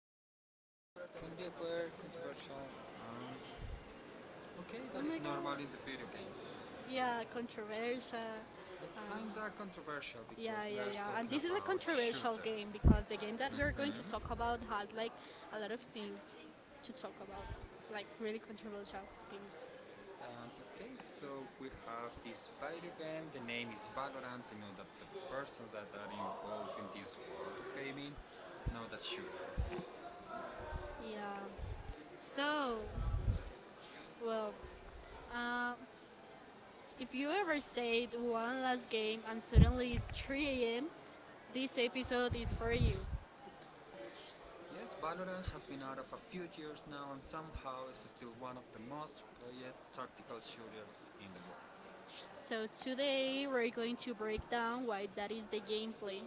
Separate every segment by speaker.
Speaker 1: talking about a topic that can be aware, controversial, um, okay,
Speaker 2: Oh
Speaker 1: that
Speaker 2: my
Speaker 1: is
Speaker 2: god.
Speaker 1: normal in the video games. Yeah,
Speaker 2: Yeah, controversial.
Speaker 1: controversial.
Speaker 2: Um,
Speaker 1: Kinda controversial because
Speaker 2: yeah, yeah,
Speaker 1: we are
Speaker 2: yeah. And
Speaker 1: talking
Speaker 2: this is a
Speaker 1: about
Speaker 2: controversial game
Speaker 1: shooters. To
Speaker 2: because the game
Speaker 1: talk,
Speaker 2: that we are going to talk
Speaker 1: like
Speaker 2: about has a lot of things to talk about,
Speaker 1: like
Speaker 2: like really controversial
Speaker 1: really.
Speaker 2: things.
Speaker 1: And okay, so we have this video game. The name is Valorant. You know that the persons that are involved in this world of gaming know that shooter.
Speaker 2: Yeah.
Speaker 1: So,
Speaker 2: So,
Speaker 1: well,
Speaker 2: well,
Speaker 1: uh,
Speaker 2: uh,
Speaker 1: if
Speaker 2: if
Speaker 1: you
Speaker 2: you
Speaker 1: ever
Speaker 2: ever
Speaker 1: say
Speaker 2: said
Speaker 1: one
Speaker 2: one
Speaker 1: last
Speaker 2: last
Speaker 1: game
Speaker 2: game
Speaker 1: and
Speaker 2: and
Speaker 1: suddenly
Speaker 2: suddenly it's
Speaker 1: it's 3
Speaker 2: 3
Speaker 1: a.m.,
Speaker 2: a.m.,
Speaker 1: this
Speaker 2: this
Speaker 1: episode
Speaker 2: episode
Speaker 1: is
Speaker 2: is
Speaker 1: for
Speaker 2: for
Speaker 1: you.
Speaker 2: you.
Speaker 1: Yes, Valorant has been out of a few years now and somehow is still one of the most played tactical shooters in the world. So
Speaker 2: So
Speaker 1: today
Speaker 2: today
Speaker 1: we're
Speaker 2: we're
Speaker 1: going
Speaker 2: going
Speaker 1: to
Speaker 2: to
Speaker 1: break
Speaker 2: break
Speaker 1: down
Speaker 2: down
Speaker 1: why
Speaker 2: why
Speaker 1: that
Speaker 2: that
Speaker 1: is
Speaker 2: is
Speaker 1: the
Speaker 2: the gameplay.
Speaker 1: gameplay,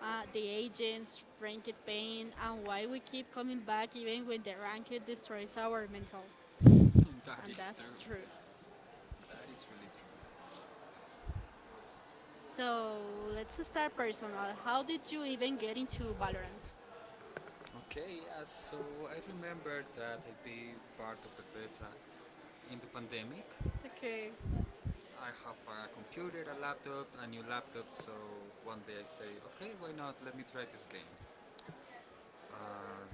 Speaker 1: uh, the
Speaker 2: The
Speaker 1: agents
Speaker 2: agents,
Speaker 1: rank
Speaker 2: ranked
Speaker 1: pain,
Speaker 2: pain,
Speaker 1: and
Speaker 2: and
Speaker 1: why
Speaker 2: why
Speaker 1: we
Speaker 2: we
Speaker 1: keep
Speaker 2: keep coming
Speaker 1: copying
Speaker 2: back even when
Speaker 1: the
Speaker 2: the
Speaker 1: racket
Speaker 2: ranked
Speaker 1: destroys
Speaker 2: destroys
Speaker 1: our
Speaker 2: our mental.
Speaker 1: mental. That
Speaker 2: And
Speaker 1: is true.
Speaker 2: that's true.
Speaker 1: That is really true. So
Speaker 2: So let's
Speaker 1: let's start
Speaker 2: start
Speaker 1: personal.
Speaker 2: personal.
Speaker 1: How
Speaker 2: How
Speaker 1: did
Speaker 2: did
Speaker 1: you
Speaker 2: you
Speaker 1: even
Speaker 2: even
Speaker 1: get
Speaker 2: get
Speaker 1: into
Speaker 2: into
Speaker 1: ballet?
Speaker 2: Valorant?
Speaker 1: Okay, yeah, so I remember that I be part of the beta in the pandemic.
Speaker 2: Okay,
Speaker 1: I have a computer, a laptop, a new laptop, so one day I say, okay, why not? Let me try this game. Uh,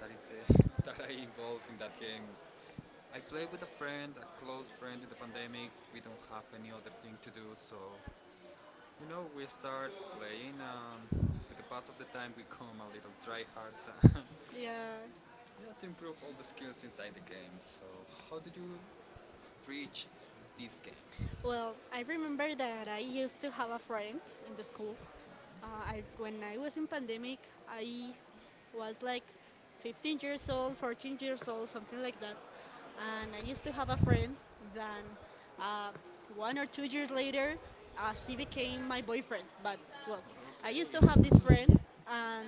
Speaker 1: that is the that I involved in that game. I play with a friend, a close friend in the pandemic. We don't have any other thing to do, so you know, we start playing, and with the pass of the time, we come a little try hard.
Speaker 2: yeah.
Speaker 1: Yeah, to improve all the skills inside the game. So, how did you reach this game? Well,
Speaker 2: Well,
Speaker 1: I
Speaker 2: I
Speaker 1: remember
Speaker 2: remember
Speaker 1: that
Speaker 2: that I
Speaker 1: I used
Speaker 2: used
Speaker 1: to
Speaker 2: to
Speaker 1: have
Speaker 2: have
Speaker 1: a
Speaker 2: a
Speaker 1: friend.
Speaker 2: friend in the school.
Speaker 1: When
Speaker 2: When
Speaker 1: I
Speaker 2: I
Speaker 1: was
Speaker 2: was
Speaker 1: in
Speaker 2: in
Speaker 1: pandemic,
Speaker 2: pandemic,
Speaker 1: I
Speaker 2: I
Speaker 1: was
Speaker 2: was
Speaker 1: like
Speaker 2: like 15
Speaker 1: 15 years
Speaker 2: years
Speaker 1: old,
Speaker 2: old,
Speaker 1: 14
Speaker 2: 14
Speaker 1: years
Speaker 2: years
Speaker 1: old,
Speaker 2: old, something
Speaker 1: something
Speaker 2: like
Speaker 1: like that.
Speaker 2: that.
Speaker 1: And I
Speaker 2: And I
Speaker 1: used
Speaker 2: used
Speaker 1: to
Speaker 2: to
Speaker 1: have
Speaker 2: have
Speaker 1: a
Speaker 2: a
Speaker 1: friend
Speaker 2: friend.
Speaker 1: that,
Speaker 2: Then
Speaker 1: um,
Speaker 2: uh,
Speaker 1: one
Speaker 2: one or
Speaker 1: or two
Speaker 2: two
Speaker 1: years
Speaker 2: years
Speaker 1: later,
Speaker 2: later,
Speaker 1: um,
Speaker 2: he
Speaker 1: became
Speaker 2: became
Speaker 1: my
Speaker 2: my
Speaker 1: boyfriend.
Speaker 2: boyfriend.
Speaker 1: Like, I.
Speaker 2: Well, I
Speaker 1: Okay.
Speaker 2: used
Speaker 1: Used
Speaker 2: to
Speaker 1: to
Speaker 2: have
Speaker 1: have
Speaker 2: this
Speaker 1: this
Speaker 2: friend,
Speaker 1: friend, um,
Speaker 2: and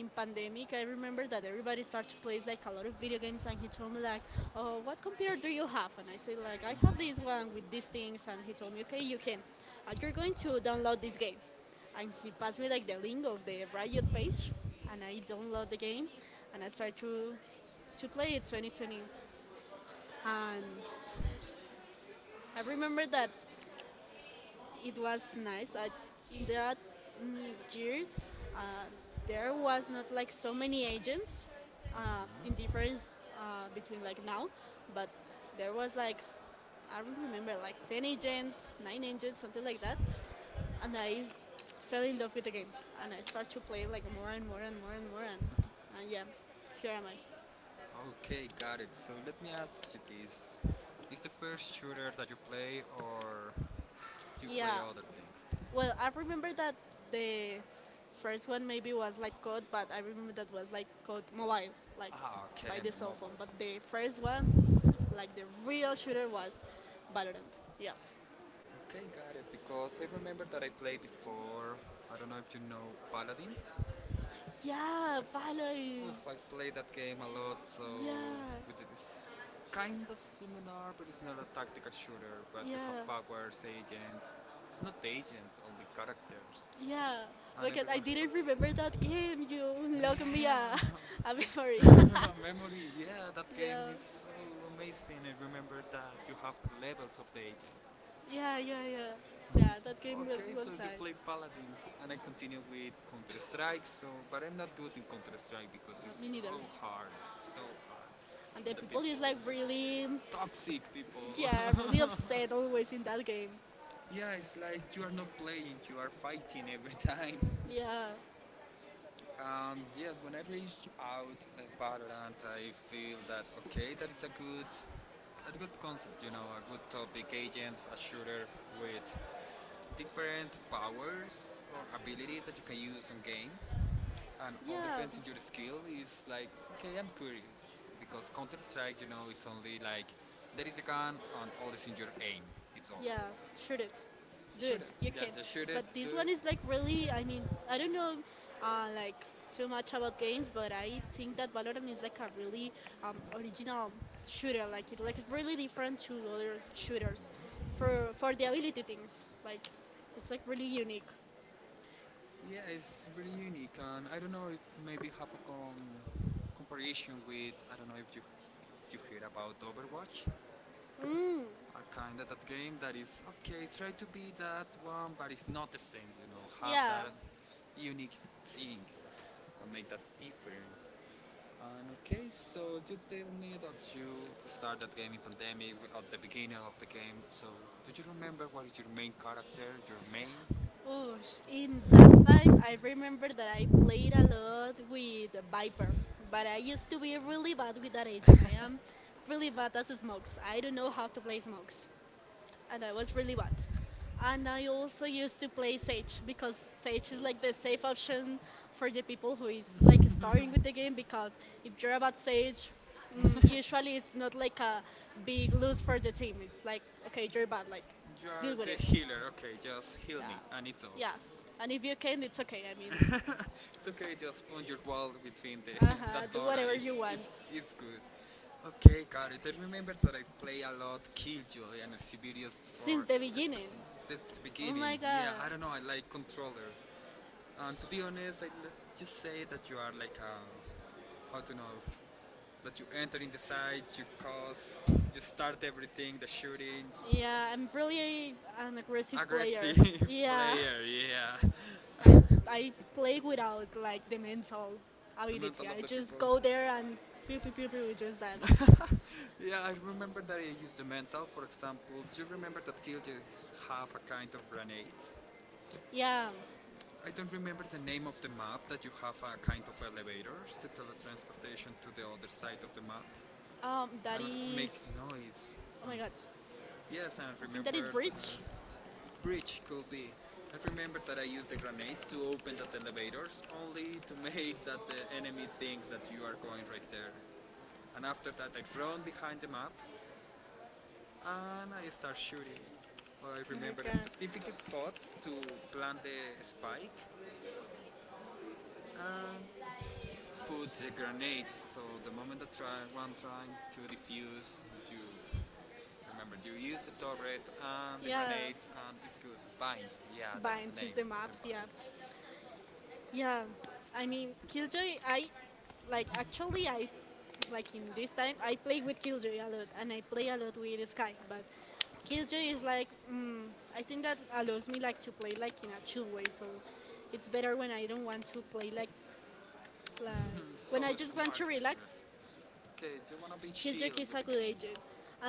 Speaker 1: in pandemic.
Speaker 2: pandemic,
Speaker 1: I
Speaker 2: I
Speaker 1: remember
Speaker 2: remember
Speaker 1: that
Speaker 2: that
Speaker 1: everybody
Speaker 2: everybody
Speaker 1: started
Speaker 2: started to
Speaker 1: to play
Speaker 2: play
Speaker 1: like
Speaker 2: like
Speaker 1: a
Speaker 2: a
Speaker 1: lot
Speaker 2: lot
Speaker 1: of
Speaker 2: of
Speaker 1: Duty video
Speaker 2: video games, and
Speaker 1: games, and he
Speaker 2: he
Speaker 1: told
Speaker 2: told
Speaker 1: me
Speaker 2: me
Speaker 1: like,
Speaker 2: like,
Speaker 1: oh,
Speaker 2: "Oh,
Speaker 1: what
Speaker 2: what
Speaker 1: computer
Speaker 2: computer do
Speaker 1: do you
Speaker 2: you have?"
Speaker 1: have? And
Speaker 2: And I
Speaker 1: I said,
Speaker 2: said like,
Speaker 1: like, I
Speaker 2: "I have
Speaker 1: have this
Speaker 2: this
Speaker 1: one,
Speaker 2: one with these
Speaker 1: these things.
Speaker 2: things," and he told me,
Speaker 1: Okay,
Speaker 2: "Okay,
Speaker 1: you
Speaker 2: you can.
Speaker 1: can,
Speaker 2: You're
Speaker 1: you're
Speaker 2: going
Speaker 1: going to
Speaker 2: to
Speaker 1: download
Speaker 2: download
Speaker 1: this
Speaker 2: this
Speaker 1: game.
Speaker 2: game."
Speaker 1: And
Speaker 2: And
Speaker 1: he
Speaker 2: he passed
Speaker 1: passed me
Speaker 2: me
Speaker 1: like
Speaker 2: like
Speaker 1: the
Speaker 2: the
Speaker 1: link
Speaker 2: link of
Speaker 1: of
Speaker 2: the
Speaker 1: the
Speaker 2: Riot
Speaker 1: private page,
Speaker 2: page,
Speaker 1: and
Speaker 2: and
Speaker 1: I
Speaker 2: I download the
Speaker 1: downloaded it
Speaker 2: game,
Speaker 1: and I
Speaker 2: and I started
Speaker 1: started to,
Speaker 2: to
Speaker 1: to play
Speaker 2: play
Speaker 1: it
Speaker 2: it 2020.
Speaker 1: 2020.
Speaker 2: And
Speaker 1: Um,
Speaker 2: I
Speaker 1: I remember
Speaker 2: remember
Speaker 1: that
Speaker 2: that it was
Speaker 1: it
Speaker 2: nice. I,
Speaker 1: nice.
Speaker 2: in that
Speaker 1: Uh,
Speaker 2: mm, year, uh, there was not
Speaker 1: like
Speaker 2: like
Speaker 1: so,
Speaker 2: so many agents in
Speaker 1: uh, um,
Speaker 2: difference between
Speaker 1: like
Speaker 2: like now, but there was
Speaker 1: like
Speaker 2: I remember like 10
Speaker 1: like
Speaker 2: agents, 9 agents, something like
Speaker 1: like
Speaker 2: that. And I fell in love with the game and I started to play like more and more
Speaker 1: like
Speaker 2: and more and more and,
Speaker 1: yeah,
Speaker 2: and yeah, here am I.
Speaker 1: yeah. Okay, got it. So let me ask you this: is the first shooter that you play, or to play
Speaker 2: Yeah,
Speaker 1: other things. Well,
Speaker 2: well
Speaker 1: I
Speaker 2: I
Speaker 1: remember
Speaker 2: remember that
Speaker 1: the
Speaker 2: the first
Speaker 1: first one
Speaker 2: one maybe
Speaker 1: was
Speaker 2: was like
Speaker 1: like God,
Speaker 2: COD,
Speaker 1: but
Speaker 2: but I
Speaker 1: I didn't know
Speaker 2: remember
Speaker 1: that
Speaker 2: that
Speaker 1: was
Speaker 2: was like
Speaker 1: like God
Speaker 2: COD
Speaker 1: mobile.
Speaker 2: mobile,
Speaker 1: Like,
Speaker 2: like
Speaker 1: ah, okay,
Speaker 2: by
Speaker 1: and
Speaker 2: the
Speaker 1: the so
Speaker 2: cell
Speaker 1: mobile.
Speaker 2: phone. But the
Speaker 1: The first
Speaker 2: first
Speaker 1: one,
Speaker 2: one,
Speaker 1: like,
Speaker 2: like the
Speaker 1: the real
Speaker 2: real
Speaker 1: shooter
Speaker 2: shooter,
Speaker 1: was
Speaker 2: was Valorant.
Speaker 1: Battlefield.
Speaker 2: Yeah,
Speaker 1: Yeah. Okay, got it. Because I remember that I played before. I don't know if you know Paladins. Yeah,
Speaker 2: yeah, Valorant.
Speaker 1: oof, I played that game a lot, so
Speaker 2: Yeah,
Speaker 1: it is kinda similar, but it's not a tactical shooter. But you have
Speaker 2: yeah,
Speaker 1: powers, agents. It's not the agents, only characters,
Speaker 2: yeah.
Speaker 1: and
Speaker 2: Because I
Speaker 1: everyone
Speaker 2: didn't remember that
Speaker 1: has.
Speaker 2: game. You unlock me
Speaker 1: Yeah.
Speaker 2: a memory.
Speaker 1: Memory, yeah, that game
Speaker 2: Yeah,
Speaker 1: is so amazing. I remember that you have the levels of the agent.
Speaker 2: yeah, yeah, yeah. Yeah, that game
Speaker 1: Okay,
Speaker 2: was
Speaker 1: so you
Speaker 2: nice.
Speaker 1: play Paladins, and I continue with Counter Strike. So, but I'm not good in Counter Strike because
Speaker 2: Me
Speaker 1: it's
Speaker 2: neither.
Speaker 1: so hard,
Speaker 2: And the
Speaker 1: and the
Speaker 2: people is
Speaker 1: people
Speaker 2: like
Speaker 1: is
Speaker 2: really,
Speaker 1: toxic people.
Speaker 2: yeah, really upset always in that game.
Speaker 1: Yeah, it's like you are not playing, you are fighting every time.
Speaker 2: Yeah,
Speaker 1: And yes, when I reached out, Valorant, I feel that okay, that is a good concept, you know, a good topic. Agents, a shooter with different powers or abilities that you can use on game, and all
Speaker 2: yeah,
Speaker 1: depends on your skill. Is like, okay, I'm curious because counter-strike, you know, is only like there is a gun and all is in your aim, it's all
Speaker 2: yeah. Shoot it, do
Speaker 1: shoot
Speaker 2: it.
Speaker 1: it.
Speaker 2: You
Speaker 1: Yeah,
Speaker 2: can.
Speaker 1: just shoot it,
Speaker 2: But
Speaker 1: do
Speaker 2: this
Speaker 1: it.
Speaker 2: one is like really. I mean, I don't know, like too much about games, but I think that Valorant is like a really original shooter. Like it's really different to other shooters, for the ability things. Like it's like really unique.
Speaker 1: Yeah, it's really unique, and I don't know if maybe have a comparison with, I don't know if you hear about Overwatch,
Speaker 2: Mm,
Speaker 1: a kind of that game that is okay. Try to be that one, but it's not the same. You know, have
Speaker 2: yeah.
Speaker 1: that unique thing that make that difference. And okay, so you tell me that you start that game in pandemic, at the beginning of the game. So do you remember what is your main character, your main?
Speaker 2: Oh, in time I remember that I played a lot with Viper, but I used to be really bad with that agent. I am really bad as smokes. I don't know how to play smokes, and I was really bad. And I also used to play Sage because Sage is like the safe option for the people who is like starting with the game because if you're about Sage, usually it's not like a big lose for the team. It's like okay, you're bad, like
Speaker 1: You are
Speaker 2: deal with
Speaker 1: the
Speaker 2: it.
Speaker 1: healer, okay, just heal
Speaker 2: Yeah.
Speaker 1: me, and it's all.
Speaker 2: Yeah. And if you can, it's okay. I mean,
Speaker 1: It's okay. Okay, just punch your wall between the
Speaker 2: uh-huh,
Speaker 1: that
Speaker 2: do
Speaker 1: door, and
Speaker 2: whatever you
Speaker 1: it's
Speaker 2: want.
Speaker 1: it's it's good. Okay, got it. I remember that I play a lot Killjoy and Sibirius
Speaker 2: Since
Speaker 1: for
Speaker 2: the beginning.
Speaker 1: this
Speaker 2: Oh
Speaker 1: beginning.
Speaker 2: my
Speaker 1: Yeah,
Speaker 2: god.
Speaker 1: I don't know. I like controller. To be honest, I just say that you are like a, how to know, that you enter in the site, you cause, you start everything, the shooting. Yeah,
Speaker 2: Yeah, I'm really an aggressive
Speaker 1: really
Speaker 2: player.
Speaker 1: aggressive
Speaker 2: Yeah.
Speaker 1: player. Yeah. Yeah,
Speaker 2: I, I play without
Speaker 1: like
Speaker 2: like the
Speaker 1: the mental.
Speaker 2: mental
Speaker 1: I the mean, mental
Speaker 2: ability.
Speaker 1: of I
Speaker 2: I
Speaker 1: the just
Speaker 2: just
Speaker 1: people. Go
Speaker 2: go
Speaker 1: there
Speaker 2: there
Speaker 1: and
Speaker 2: and pew
Speaker 1: people,
Speaker 2: pew pew pew just that.
Speaker 1: people will just yeah, I remember that I used the mental. For example, do you remember that Killjoys have a kind of grenades? Yeah.
Speaker 2: Yeah.
Speaker 1: I don't remember the name of the map that you have a kind of elevators to teletransportation to the other side of the map
Speaker 2: That
Speaker 1: and it makes
Speaker 2: is
Speaker 1: noise.
Speaker 2: Oh
Speaker 1: Um,
Speaker 2: my god.
Speaker 1: yes, I
Speaker 2: I think that is
Speaker 1: remember.
Speaker 2: bridge.
Speaker 1: Bridge could be. I remember that I used the grenades to open the elevators, only to make that the enemy thinks that you are going right there. And after that, I'd run behind the map and I start shooting. I
Speaker 2: Oh my
Speaker 1: remember the
Speaker 2: god.
Speaker 1: specific spots to plant the spike and put the grenades. So the moment that try, one trying to defuse, you remember you use the turret and the
Speaker 2: Yeah.
Speaker 1: grenades, and it's good. Bind, yeah, that is the
Speaker 2: Binds is
Speaker 1: name.
Speaker 2: the
Speaker 1: The
Speaker 2: map, yeah.
Speaker 1: bind.
Speaker 2: Yeah,
Speaker 1: Yeah,
Speaker 2: I mean Killjoy. I
Speaker 1: like like
Speaker 2: like actually I like in this time I play with Killjoy a lot and I play a lot with Sky, but
Speaker 1: like,
Speaker 2: Killjoy is like
Speaker 1: mm,
Speaker 2: mm, I think that
Speaker 1: like
Speaker 2: allows me like to play like in a chill way. So it's better when I don't want to play
Speaker 1: like
Speaker 2: like
Speaker 1: So
Speaker 2: when I just want
Speaker 1: smart.
Speaker 2: to relax.
Speaker 1: Okay, do you wanna be
Speaker 2: Killjoy
Speaker 1: chill
Speaker 2: is
Speaker 1: with
Speaker 2: a
Speaker 1: the
Speaker 2: good
Speaker 1: game?
Speaker 2: agent,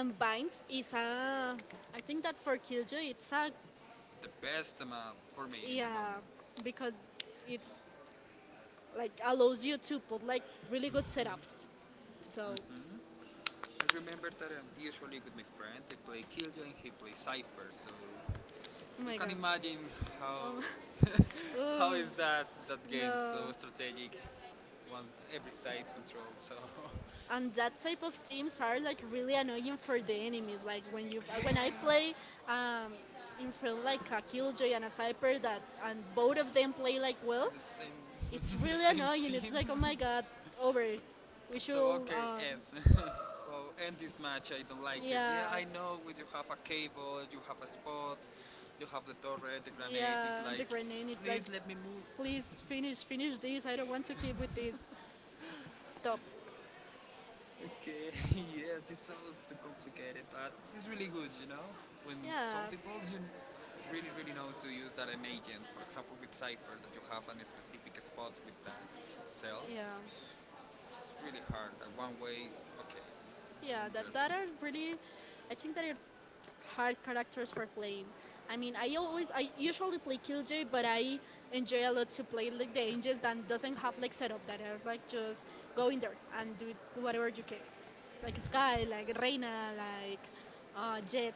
Speaker 2: Bind is a I
Speaker 1: Uh,
Speaker 2: think that for
Speaker 1: uh,
Speaker 2: Killjoy it's a
Speaker 1: The best map for me in the
Speaker 2: yeah
Speaker 1: moment.
Speaker 2: because it's like allows you to
Speaker 1: uh,
Speaker 2: put like really good setups. So,
Speaker 1: hmm. I remember that I usually with my friend. I play Killjoy and he plays Cypher, so
Speaker 2: oh
Speaker 1: you
Speaker 2: my
Speaker 1: can
Speaker 2: god.
Speaker 1: imagine how
Speaker 2: Oh, my-
Speaker 1: how is that game
Speaker 2: no.
Speaker 1: so strategic. One every side control. So
Speaker 2: And that type of teams are like really annoying for the enemies. Like when I play um, in front like a killjoy and a cyper that and both of them play like well,
Speaker 1: the same
Speaker 2: it's
Speaker 1: the
Speaker 2: really
Speaker 1: same
Speaker 2: annoying. It's
Speaker 1: team.
Speaker 2: like oh my god, over. We
Speaker 1: So
Speaker 2: should
Speaker 1: okay, F. So end this match. I don't like it. Yeah,
Speaker 2: Yeah,
Speaker 1: I know. With you have a cable, you have a spot, you have the turret, the grenade. It's
Speaker 2: yeah and
Speaker 1: like,
Speaker 2: the grenade. It's like
Speaker 1: please let me move.
Speaker 2: please finish this. I don't want to keep with this. Stop.
Speaker 1: Okay, yes, it's so so complicated, but it's really good. When some
Speaker 2: Yeah
Speaker 1: people you really really know to use that an agent. For example, with Cipher, that you have a specific spot with that
Speaker 2: yeah.
Speaker 1: cells. It's really hard. That one way, okay, it's
Speaker 2: Yeah, that
Speaker 1: interesting.
Speaker 2: are really, I think that are hard characters for playing. I mean, I always, I usually play Killjoy, but I enjoy a lot to play like the angels that doesn't have like setup that are like just go in there and do whatever you can, like Sky, like Reina, like Jet.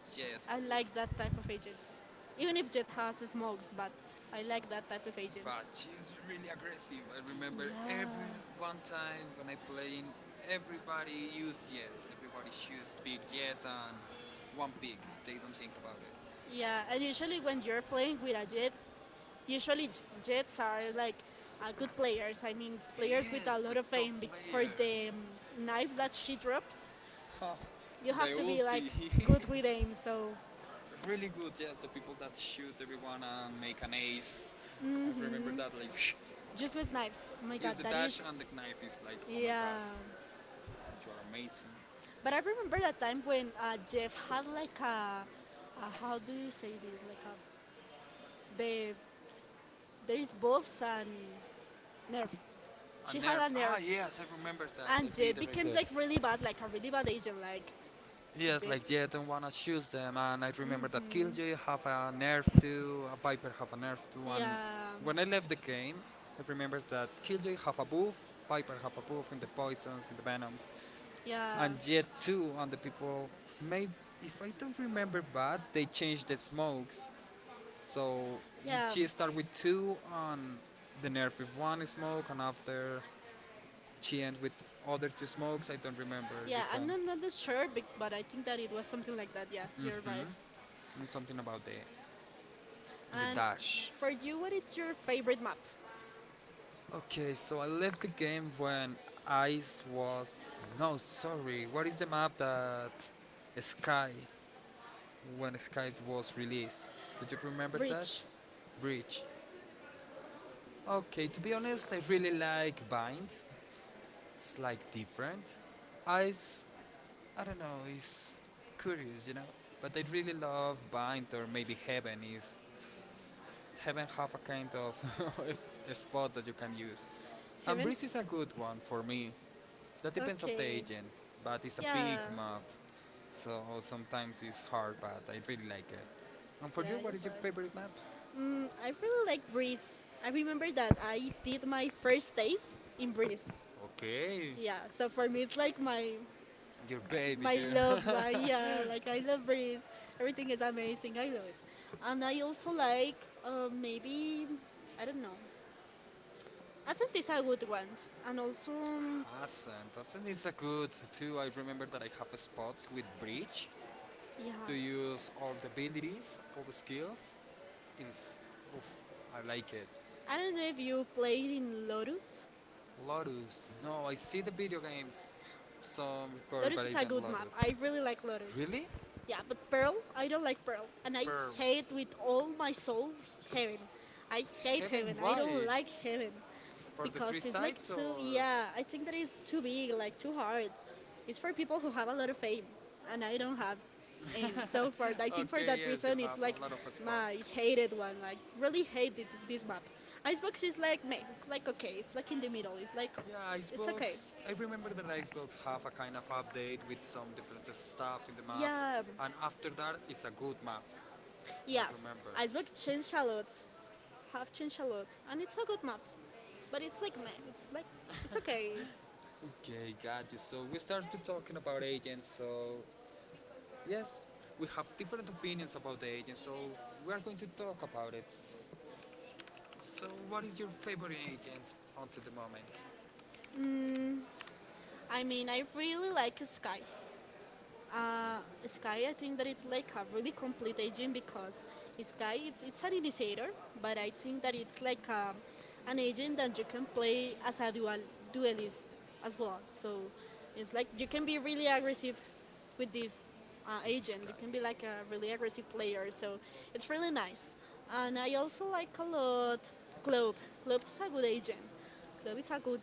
Speaker 1: Jet.
Speaker 2: I like that type of agents, even if Jet has smokes, but I like that type of
Speaker 1: But
Speaker 2: agents.
Speaker 1: she's really aggressive. I remember
Speaker 2: Yeah,
Speaker 1: every one time when I playing, everybody used Jet. Everybody shoots big Jet and one pig. They don't think about it.
Speaker 2: yeah, and usually when you're playing with a Jet, usually, Jets are like good players. I mean, players with a
Speaker 1: Yes, the
Speaker 2: lot of
Speaker 1: top
Speaker 2: aim. For the
Speaker 1: players.
Speaker 2: knives that she dropped,
Speaker 1: Huh,
Speaker 2: you
Speaker 1: the
Speaker 2: have to be like
Speaker 1: ulti is
Speaker 2: good with aim. So
Speaker 1: really good. Yes, the people that shoot everyone and make an ace. I remember that. Like,
Speaker 2: just with knives. Oh my
Speaker 1: use
Speaker 2: God,
Speaker 1: the
Speaker 2: that
Speaker 1: dash
Speaker 2: is
Speaker 1: and the knife is like, oh my god,
Speaker 2: yeah.
Speaker 1: you are amazing.
Speaker 2: But I remember that time when Jeff had like a how do you say this? Like a the there is buffs and nerf.
Speaker 1: A
Speaker 2: She had
Speaker 1: nerf.
Speaker 2: a
Speaker 1: Ah
Speaker 2: nerf,
Speaker 1: yes, I remember that. I
Speaker 2: and
Speaker 1: beat
Speaker 2: Jade
Speaker 1: it right
Speaker 2: became
Speaker 1: there.
Speaker 2: like really bad, like a really bad agent, like
Speaker 1: Yes,
Speaker 2: Jade.
Speaker 1: like yeah, I don't wanna shoot them, and I remember that Killjoy have a nerf too, a Viper have a nerf too, and
Speaker 2: Yeah,
Speaker 1: when I left the game, I remember that Killjoy have a buff, Viper have a buff in the poisons, in the venoms,
Speaker 2: yeah,
Speaker 1: and Jet too on the people. Maybe if I don't remember bad, they changed the smokes, so
Speaker 2: yeah.
Speaker 1: she start with two on the nerf with one smoke, and after she end with other two smokes. I don't remember. You
Speaker 2: Yeah, I'm
Speaker 1: can.
Speaker 2: not, not that sure, but I think that it was something like that. Yeah, you're
Speaker 1: Hmm.
Speaker 2: right.
Speaker 1: And something about the
Speaker 2: And
Speaker 1: dash.
Speaker 2: for you, what is your favorite map?
Speaker 1: Okay, so I left the game when ice was. No, sorry. What is the map that Sky when Skype was released? Do you remember that?
Speaker 2: Bridge.
Speaker 1: Bridge. Okay, to be honest, I really like Bind. It's like different. Ice, I don't know, is curious. But I really love Bind, or maybe Heaven is. Heaven have a kind of a spot that you can use. And
Speaker 2: Heaven?
Speaker 1: Breeze is a good one for me. That depends of the
Speaker 2: Okay.
Speaker 1: agent, but it's a big
Speaker 2: Yeah,
Speaker 1: map, so sometimes it's hard, but I really like it. And for
Speaker 2: yeah,
Speaker 1: you, what
Speaker 2: you're
Speaker 1: is your
Speaker 2: right.
Speaker 1: favorite map?
Speaker 2: Mm, I really like Breeze. I remember that I did my first days in Breeze.
Speaker 1: Okay,
Speaker 2: Yeah, so for me, it's like
Speaker 1: your baby
Speaker 2: my
Speaker 1: too.
Speaker 2: love one. Yeah, like I love Breeze. Everything is amazing. I love it. And I also like maybe, I don't know, I think it's a good one, and also,
Speaker 1: Hasn't. Has is a good too. I remember that I have spots with bridge,
Speaker 2: yeah.
Speaker 1: to use all the abilities, all the skills. In s- Oof, I like it.
Speaker 2: I don't know if you played in Lorus.
Speaker 1: Lotus. No, I see the video games. Some record,
Speaker 2: Lotus
Speaker 1: but I
Speaker 2: is a
Speaker 1: don't
Speaker 2: good map.
Speaker 1: Lotus.
Speaker 2: I really like Lotus.
Speaker 1: Really?
Speaker 2: Yeah, but Pearl, I don't like Pearl. And I
Speaker 1: Perm.
Speaker 2: hate with all my soul Heaven. I hate
Speaker 1: Heaven?
Speaker 2: Heaven. I don't
Speaker 1: Why?
Speaker 2: like Heaven.
Speaker 1: For the three
Speaker 2: Because it's like
Speaker 1: sides
Speaker 2: too,
Speaker 1: or?
Speaker 2: yeah, I think that it's too big, like too hard. It's for people who have a lot of aim. And I don't have aim. So for I think for
Speaker 1: Okay,
Speaker 2: that
Speaker 1: yes, you
Speaker 2: reason, it's
Speaker 1: have
Speaker 2: like
Speaker 1: a lot of spots.
Speaker 2: my hated one. Like, really
Speaker 1: Really
Speaker 2: hated this map.
Speaker 1: like,
Speaker 2: Icebox is like, meh, it's
Speaker 1: like
Speaker 2: like okay.
Speaker 1: okay,
Speaker 2: It's
Speaker 1: like
Speaker 2: like in the middle. It's like,
Speaker 1: like yeah,
Speaker 2: it's okay.
Speaker 1: Icebox. I remember that Icebox have a kind of update with some different stuff in the map,
Speaker 2: Yeah,
Speaker 1: and after that, it's a good map. I
Speaker 2: yeah,
Speaker 1: remember.
Speaker 2: Iceberg have changed a lot, and it's a good map. But it's like meh, it's like
Speaker 1: like like
Speaker 2: it's okay.
Speaker 1: Okay, got you. So we started talking about agents. So, yes, we have different opinions about the agent, so we are going to talk about it. So, what is your favorite agent until the moment?
Speaker 2: Mm, I mean, I really
Speaker 1: Like
Speaker 2: like
Speaker 1: Sky.
Speaker 2: Sky.
Speaker 1: Uh,
Speaker 2: Uh, Sky, I
Speaker 1: like
Speaker 2: think that it's
Speaker 1: really,
Speaker 2: like a really complete agent because Sky, it's an initiator, but I think that it's
Speaker 1: like,
Speaker 2: like a an agent that you can play as a dual duelist as
Speaker 1: well.
Speaker 2: well.
Speaker 1: So,
Speaker 2: So it's like you can be really aggressive
Speaker 1: Uh,
Speaker 2: with this
Speaker 1: like,
Speaker 2: agent. You can be like a really aggressive player. So it's
Speaker 1: so,
Speaker 2: really nice. And I also like a lot Club. Club is a good agent. Club is a good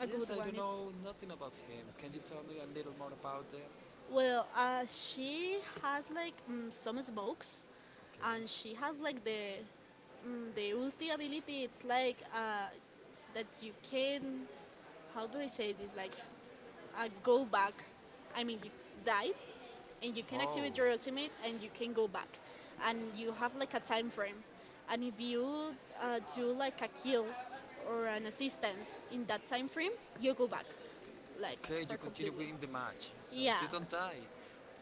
Speaker 2: A
Speaker 1: yes,
Speaker 2: good
Speaker 1: I don't
Speaker 2: one. It's
Speaker 1: know nothing about him. Can you tell me a little more about them?
Speaker 2: well, she has like some smokes, and she has like the the ulti
Speaker 1: Okay.
Speaker 2: ability. It's
Speaker 1: Like
Speaker 2: like that you can how do I say this? Like
Speaker 1: like
Speaker 2: go back. I mean, you died, and you can
Speaker 1: oh,
Speaker 2: activate your ultimate, and you can go back, and you have like a
Speaker 1: like
Speaker 2: time frame. And if you do like a
Speaker 1: uh,
Speaker 2: kill
Speaker 1: like
Speaker 2: or an assistance in that time frame, you go back, like
Speaker 1: Like, okay, you
Speaker 2: for
Speaker 1: continue
Speaker 2: completely.
Speaker 1: winning the match, so yeah, you
Speaker 2: Yeah
Speaker 1: don't die.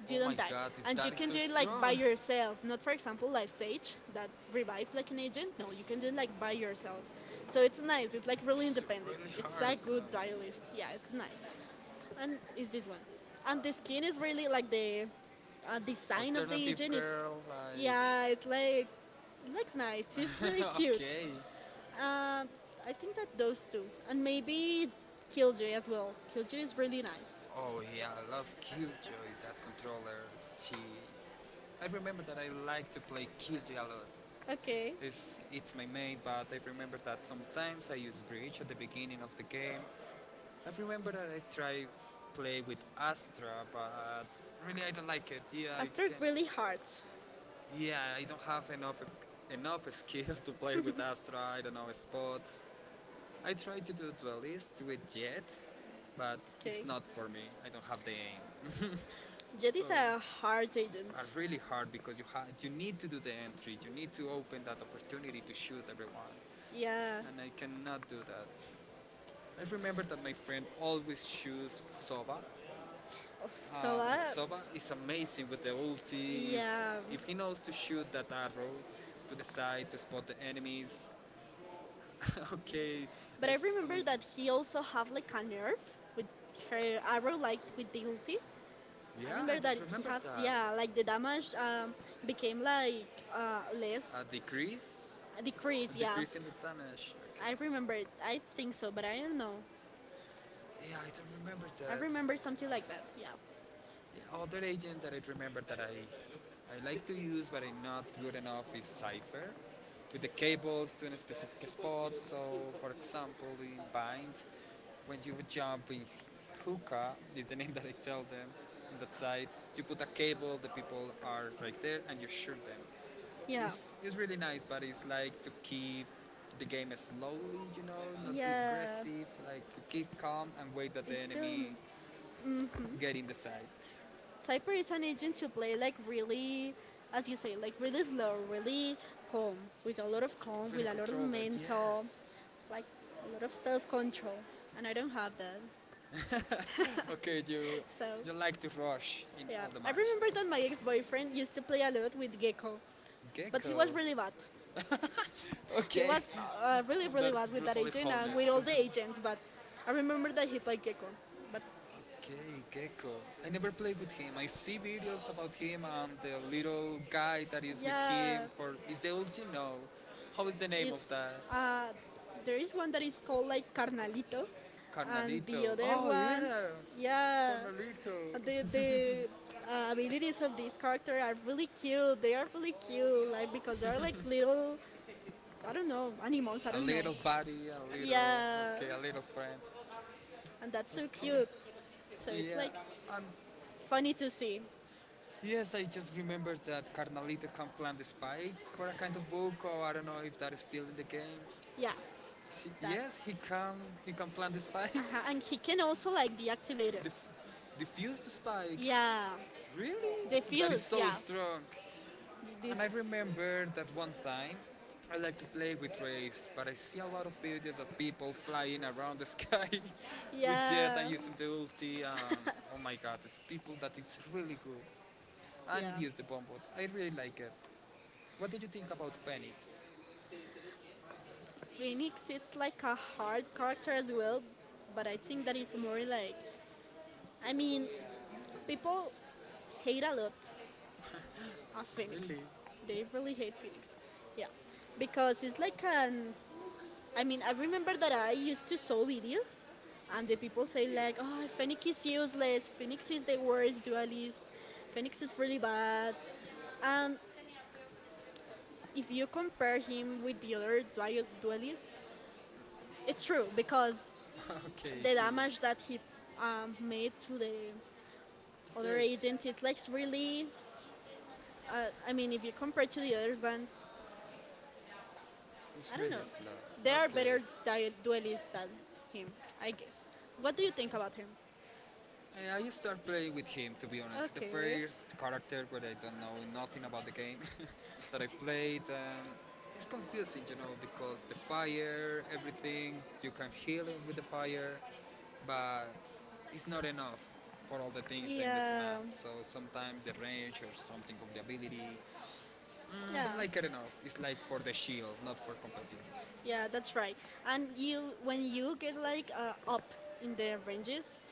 Speaker 1: Oh
Speaker 2: you
Speaker 1: my
Speaker 2: don't die.
Speaker 1: god, is. And you,
Speaker 2: And
Speaker 1: that
Speaker 2: you
Speaker 1: is
Speaker 2: can
Speaker 1: so,
Speaker 2: do
Speaker 1: like,
Speaker 2: it like by
Speaker 1: strong!
Speaker 2: yourself, not for example like Sage that revives like an agent. No, you can do it like by yourself. So it's nice. It's like really
Speaker 1: It's
Speaker 2: independent.
Speaker 1: really
Speaker 2: It's
Speaker 1: hard.
Speaker 2: a
Speaker 1: So.
Speaker 2: good duelist. Yeah, it's nice. And is this one? And the skin is really like the design of the
Speaker 1: Alternative
Speaker 2: agent. It's
Speaker 1: girl,
Speaker 2: yeah, it's like it looks nice. She's
Speaker 1: like.
Speaker 2: really cute.
Speaker 1: Okay.
Speaker 2: Um, I think that those two, and maybe Killjoy as well. Killjoy is really nice.
Speaker 1: Oh yeah, I love Killjoy, that controller. She. I remember that I like to play Killjoy a lot.
Speaker 2: Okay,
Speaker 1: It's my main, but I remember that sometimes I use breach at the beginning of the game. I remember that I try play with Astra, but really I don't like it. Yeah,
Speaker 2: I
Speaker 1: I
Speaker 2: start
Speaker 1: can.
Speaker 2: really hard.
Speaker 1: Yeah, I don't have enough skill to play with Astra. I don't know spots. I try to do to at least do it yet, but it's
Speaker 2: Okay.
Speaker 1: not for me. I don't have the aim.
Speaker 2: Jet
Speaker 1: So
Speaker 2: is a hard
Speaker 1: are
Speaker 2: agent.
Speaker 1: really hard because you need to do the entry, you need to open that opportunity to shoot everyone,
Speaker 2: Yeah.
Speaker 1: and I cannot do that. I remember that my friend always shoots Soba.
Speaker 2: Oh, So
Speaker 1: Uh,
Speaker 2: uh,
Speaker 1: Soba is amazing with the ulti. If
Speaker 2: yeah.
Speaker 1: if he knows to shoot that arrow to the side to spot the enemies, okay,
Speaker 2: But I
Speaker 1: it's
Speaker 2: remember
Speaker 1: amazing.
Speaker 2: that he also have like a nerf with her arrow, like with the ulti. I
Speaker 1: Yeah, I
Speaker 2: remember that
Speaker 1: don't
Speaker 2: he
Speaker 1: remember
Speaker 2: have yeah, like the damage
Speaker 1: that.
Speaker 2: became like less,
Speaker 1: A decrease? A
Speaker 2: decrease. Yeah.
Speaker 1: decrease in the damage. Okay.
Speaker 2: I remember. It. I think
Speaker 1: So,
Speaker 2: so, but I don't know.
Speaker 1: yeah, I don't remember
Speaker 2: I
Speaker 1: that.
Speaker 2: remember
Speaker 1: Like
Speaker 2: something like
Speaker 1: that.
Speaker 2: that. Yeah.
Speaker 1: Yeah, other agent that I remember that I like to use but I'm not good enough is Cypher with the cables to a specific spot. So, for example, in Bind, when you would jump in, Hookah is the name that I tell them, in that side you put a cable, the people are right there and you shoot them.
Speaker 2: Yeah.
Speaker 1: It's really nice, but it's like to keep the game slowly, not be
Speaker 2: Yeah.
Speaker 1: aggressive, like you keep calm and wait that the
Speaker 2: It's still.
Speaker 1: enemy
Speaker 2: Hmm.
Speaker 1: get in the side. So,
Speaker 2: Cyper is an agent to play like really, as you say, like
Speaker 1: like,
Speaker 2: really slow, really calm, with a lot of calm,
Speaker 1: really
Speaker 2: with a lot of
Speaker 1: control it,
Speaker 2: mental,
Speaker 1: yes.
Speaker 2: like a lot of self control. And I don't have that.
Speaker 1: Okay, you
Speaker 2: So,
Speaker 1: you like to rush in
Speaker 2: yeah.
Speaker 1: all the
Speaker 2: I
Speaker 1: match.
Speaker 2: remember that my ex boyfriend used to play a lot with Gecko, but he was
Speaker 1: Gecko.
Speaker 2: really bad. He
Speaker 1: Okay,
Speaker 2: was really,
Speaker 1: that's
Speaker 2: bad with that
Speaker 1: brutally
Speaker 2: agent and with
Speaker 1: honest.
Speaker 2: all the agents, but I remember that he played Gecko. But
Speaker 1: Okay, Gecko. I never played with him. I see videos about him and the little guy that is with
Speaker 2: yeah,
Speaker 1: him for is the ulti? No. How is the name of
Speaker 2: It's
Speaker 1: that?
Speaker 2: uh, there is one that is called like Carnalito, and the
Speaker 1: Carnalito.
Speaker 2: other
Speaker 1: Oh
Speaker 2: one,
Speaker 1: yeah.
Speaker 2: yeah,
Speaker 1: Carnalito.
Speaker 2: the the uh, abilities of this character are really cute. They are really cute, like because they are like little, I don't know, animals. I
Speaker 1: A
Speaker 2: don't know.
Speaker 1: little buddy, a little,
Speaker 2: Yeah,
Speaker 1: okay, a little friend.
Speaker 2: and that's so cute.
Speaker 1: Okay.
Speaker 2: So it's
Speaker 1: Yeah.
Speaker 2: like
Speaker 1: And
Speaker 2: funny to see.
Speaker 1: yes, I just remembered that Carnalito can plant the spike for a kind of book, or I don't know if that is still in the game.
Speaker 2: Yeah,
Speaker 1: She,
Speaker 2: that.
Speaker 1: yes, he can. He can plant the spike.
Speaker 2: Uh-huh. And he can also like deactivate it.
Speaker 1: Dif- diffuse the spike.
Speaker 2: Yeah,
Speaker 1: Really? That is
Speaker 2: defuse.
Speaker 1: so
Speaker 2: Yeah,
Speaker 1: strong.
Speaker 2: this.
Speaker 1: And I remember that one time I like to play with rays, but I see a lot of videos of people flying around the sky with jet and
Speaker 2: Yeah,
Speaker 1: using the ulti. And oh my god, it's people that is really good. And
Speaker 2: yeah.
Speaker 1: here's the bomb bot. I really like it. What do you think about Phoenix?
Speaker 2: Phoenix, it's like a hard character as well, but I think that it's more like, I mean, people hate a lot of
Speaker 1: Really?
Speaker 2: Phoenix. They really hate Phoenix. Yeah, because it's like an. I mean, I remember that I used to saw videos, and the people say like, "Oh, Phoenix is useless. Phoenix is the worst dualist. Phoenix is really bad." And if you compare him with the other dualist, it's true because
Speaker 1: Okay,
Speaker 2: the
Speaker 1: he.
Speaker 2: damage that he made to the other
Speaker 1: Yes,
Speaker 2: agents, it's like really, I mean, if you compare to the other ones,
Speaker 1: it's
Speaker 2: I don't
Speaker 1: really
Speaker 2: know. There are
Speaker 1: slow.
Speaker 2: better duelists than him, I guess. What do you think
Speaker 1: Okay.
Speaker 2: about him?
Speaker 1: I start playing with him, to be honest. It's the
Speaker 2: Okay.
Speaker 1: first character where I don't know nothing about the game that I played, and it's confusing, because the fire, everything you can heal with the fire, but it's not enough for all the things in this
Speaker 2: Yeah.
Speaker 1: map. So sometimes the range or something of the ability, I
Speaker 2: Yeah.
Speaker 1: don't like it enough. It's like for the shield, not for competitive.
Speaker 2: Yeah, that's right. And you, when you get like up in the ranges,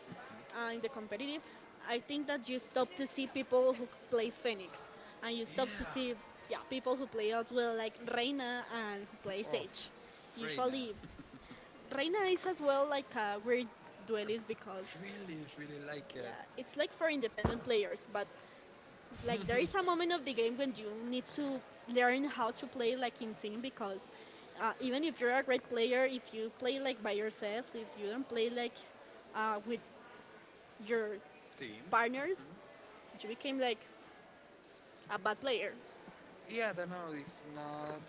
Speaker 2: in the competitive, I think that you stop to see people who plays Phoenix, and you
Speaker 1: Yeah.
Speaker 2: stop to see yeah people who play as well like Reina and who plays
Speaker 1: Oh,
Speaker 2: Sage.
Speaker 1: Reina.
Speaker 2: Usually, Reina is as well like a weird duelist because
Speaker 1: Really, really like
Speaker 2: yeah
Speaker 1: it.
Speaker 2: it's like for independent players, but like there is a moment of the game when you need to learn how to play like in team because. Even if you're a great player, if you play like by yourself, if you don't play like with your
Speaker 1: Team.
Speaker 2: partners, you became like a bad player.
Speaker 1: Mhm. Yeah, I don't know if not,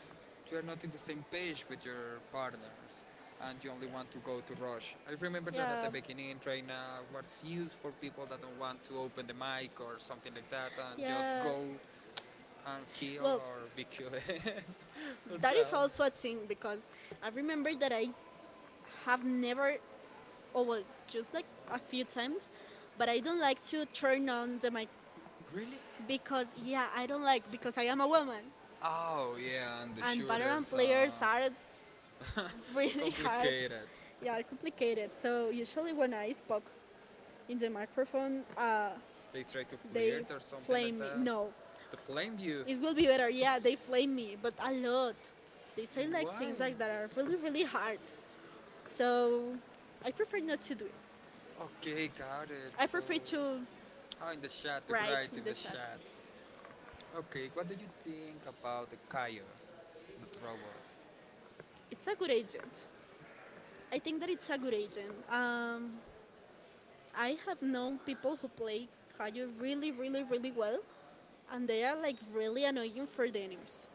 Speaker 1: you are not in the same page with your partners and you only want to go to Rush. I remember
Speaker 2: Yeah.
Speaker 1: that at
Speaker 2: Yeah.
Speaker 1: the beginning, Traina was used for people that don't want to open the mic or something like that and just
Speaker 2: Yeah.
Speaker 1: go and kill
Speaker 2: Well,
Speaker 1: or be killed. That
Speaker 2: that
Speaker 1: so,
Speaker 2: is also a thing because I remember that I have never, oh
Speaker 1: well,
Speaker 2: well, just like a few
Speaker 1: like
Speaker 2: times, but I don't like to
Speaker 1: like
Speaker 2: turn on the mic
Speaker 1: really?
Speaker 2: because yeah, I don't
Speaker 1: Like,
Speaker 2: like because I am a woman
Speaker 1: oh yeah, and the
Speaker 2: and veteran
Speaker 1: shooters
Speaker 2: players
Speaker 1: are
Speaker 2: are really hard,
Speaker 1: complicated.
Speaker 2: yeah, complicated. So usually when I spoke in the microphone,
Speaker 1: They try to
Speaker 2: they
Speaker 1: flirt or something like
Speaker 2: flame me.
Speaker 1: that.
Speaker 2: No,
Speaker 1: To flame you.
Speaker 2: it will be better. Yeah, they flame me, but a lot. They say like
Speaker 1: Why?
Speaker 2: things like that are really really hard. So I prefer not to do it.
Speaker 1: Okay, got it.
Speaker 2: I
Speaker 1: So,
Speaker 2: prefer to
Speaker 1: oh, in the chat, to
Speaker 2: write
Speaker 1: write
Speaker 2: in
Speaker 1: in
Speaker 2: the
Speaker 1: the
Speaker 2: chat.
Speaker 1: chat. Okay, what do you think about the Kaio, the robot?
Speaker 2: It's a good agent. I think that it's a good agent. I have known people who play Kayo really really well, and they are like really annoying for the enemies.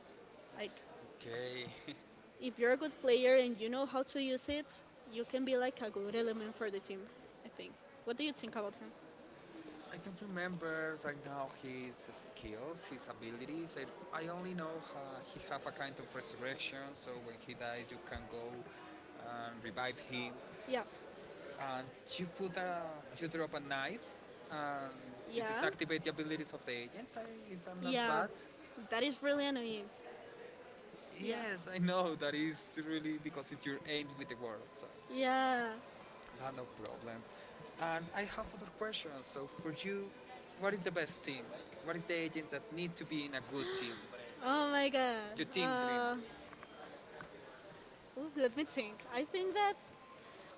Speaker 2: Like,
Speaker 1: Okay.
Speaker 2: if you're a good player and you know how to use it, you can be like a good element for the team, I think. What do you think about him?
Speaker 1: I don't remember right now his skills, his abilities. I only know he have a kind of resurrection, so when he dies, you can go and revive him.
Speaker 2: Yeah.
Speaker 1: And you put a, you drop a knife, and you
Speaker 2: Yeah.
Speaker 1: deactivate the abilities of the agents. If I'm not
Speaker 2: Yeah.
Speaker 1: bad.
Speaker 2: That is really annoying. Yeah.
Speaker 1: Yes, I know that is really because it's your aim with the world. So.
Speaker 2: Yeah.
Speaker 1: But no problem. And I have other questions. So, for you, what is the best team? Like, what is the agents that need to be in a good team?
Speaker 2: Oh my god.
Speaker 1: The team dream.
Speaker 2: Let me think. I think that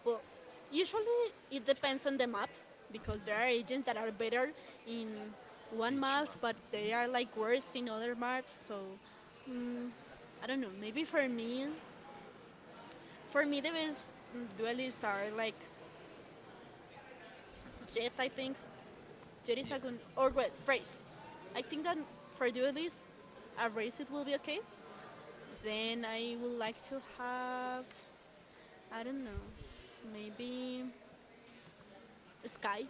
Speaker 2: well, usually it depends on the map because there are agents that are better in one
Speaker 1: Each
Speaker 2: maps,
Speaker 1: map.
Speaker 2: but they are like worse in other maps. So I don't know. Maybe for me, the best duelists are like Jet. I think Jet is a
Speaker 1: Yeah.
Speaker 2: good or wait, race. I think that for duelists, a race it will be okay. Then I would like to have I don't know, maybe Sky.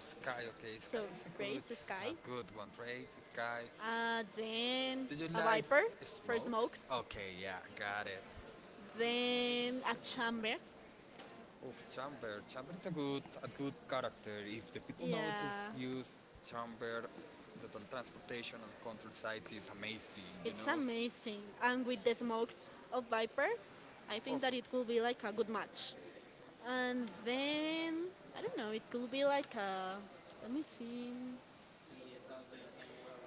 Speaker 1: Sky, okay. Sky
Speaker 2: So
Speaker 1: is a good,
Speaker 2: race Sky.
Speaker 1: a good one. Race Sky.
Speaker 2: Then
Speaker 1: Do you
Speaker 2: a
Speaker 1: like
Speaker 2: viper for
Speaker 1: smokes?
Speaker 2: smokes.
Speaker 1: Okay, yeah, got it.
Speaker 2: Then a chamber.
Speaker 1: Of chamber is a good character. If the people know to
Speaker 2: Yeah,
Speaker 1: use chamber, the transportation and control sites is amazing. You
Speaker 2: it's
Speaker 1: know.
Speaker 2: amazing. And with the smokes of viper, I think
Speaker 1: Of
Speaker 2: that it could be like a good match. And then I don't know. It could be like a let me see.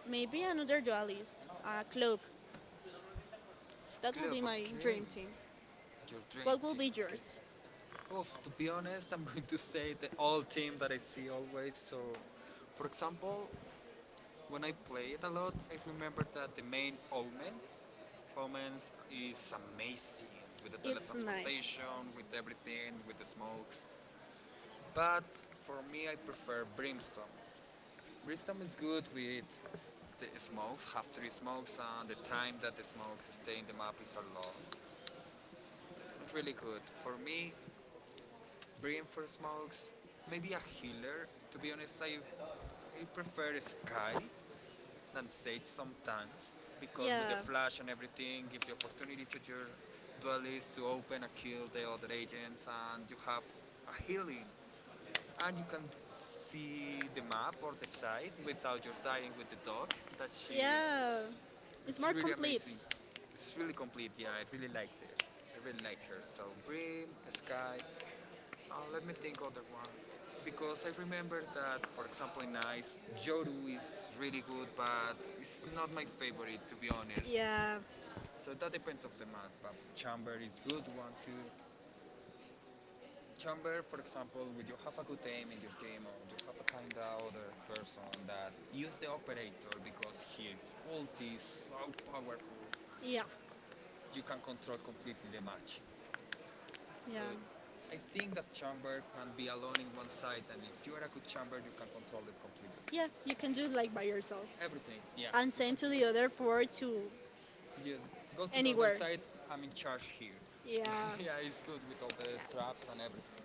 Speaker 2: Maybe another dualist, a club. That will
Speaker 1: club,
Speaker 2: be my
Speaker 1: okay.
Speaker 2: dream team.
Speaker 1: Your dream,
Speaker 2: What will be
Speaker 1: okay.
Speaker 2: yours?
Speaker 1: Of, to be honest, I'm going to say the all team that I see always. So, for example, when I play it a lot, I remember that the main Omens is amazing with the
Speaker 2: It's nice.
Speaker 1: teletransportation, with everything, with the smokes. But for me, I prefer Brimstone. Brimstone is good with the smokes, have three smokes, and the time that the smokes stay in the map is a long. Really good. For me, Brim for smokes, maybe a healer. To be honest, I prefer Sky than Sage sometimes because with the
Speaker 2: Yeah,
Speaker 1: flash and everything, give the opportunity to your duelists to open and kill the other agents, and you have a healing, and you can see the map or the side without your dying with the dog. That she,
Speaker 2: yeah. It's
Speaker 1: it's
Speaker 2: more
Speaker 1: really
Speaker 2: complete.
Speaker 1: amazing. It's really complete. Yeah, I really liked it. I really like her. So Brim, Sky, let me think other one. Because I remember that, for example, in Ice, Joru is really good, but it's not my favorite, to be honest.
Speaker 2: Yeah,
Speaker 1: So that depends of the month, but Chamber is good one too. Chamber, for example, when you have a good aim in your team or you have a kind of other person that use the operator because his ulti is so powerful,
Speaker 2: yeah,
Speaker 1: you can control completely the match. So
Speaker 2: yeah,
Speaker 1: I think that chamber can be alone in one side, and if you are a good chamber, you can control it completely.
Speaker 2: yeah. You can do it like by yourself
Speaker 1: Everything, yeah.
Speaker 2: and send to the other for to
Speaker 1: Yes, go to the other
Speaker 2: anywhere.
Speaker 1: side. I'm in charge here.
Speaker 2: Yeah,
Speaker 1: Yeah, it's good with all the traps and everything.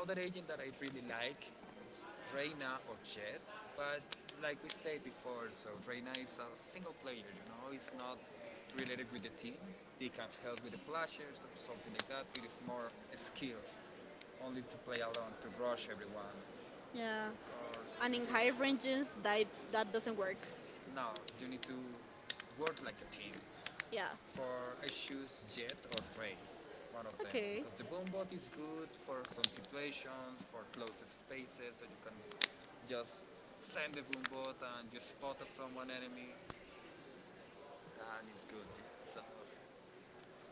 Speaker 1: Other agent that I really like is Reina or Jet, but like we said before, so Reina is a single player, you know, it's not related with the team. They can help with the flashers or something like that, but it's more a skill, only to play alone, to rush everyone,
Speaker 2: yeah.
Speaker 1: or
Speaker 2: And
Speaker 1: to
Speaker 2: in
Speaker 1: do.
Speaker 2: high ranges, that doesn't work.
Speaker 1: No, you need to work like a team.
Speaker 2: Yeah.
Speaker 1: For I choose jet or phrase, one of them,
Speaker 2: Okay.
Speaker 1: because the bombot is good for some situations, for closed spaces, so you can just send the bombot and you spot at someone enemy, and it's good. Yeah. So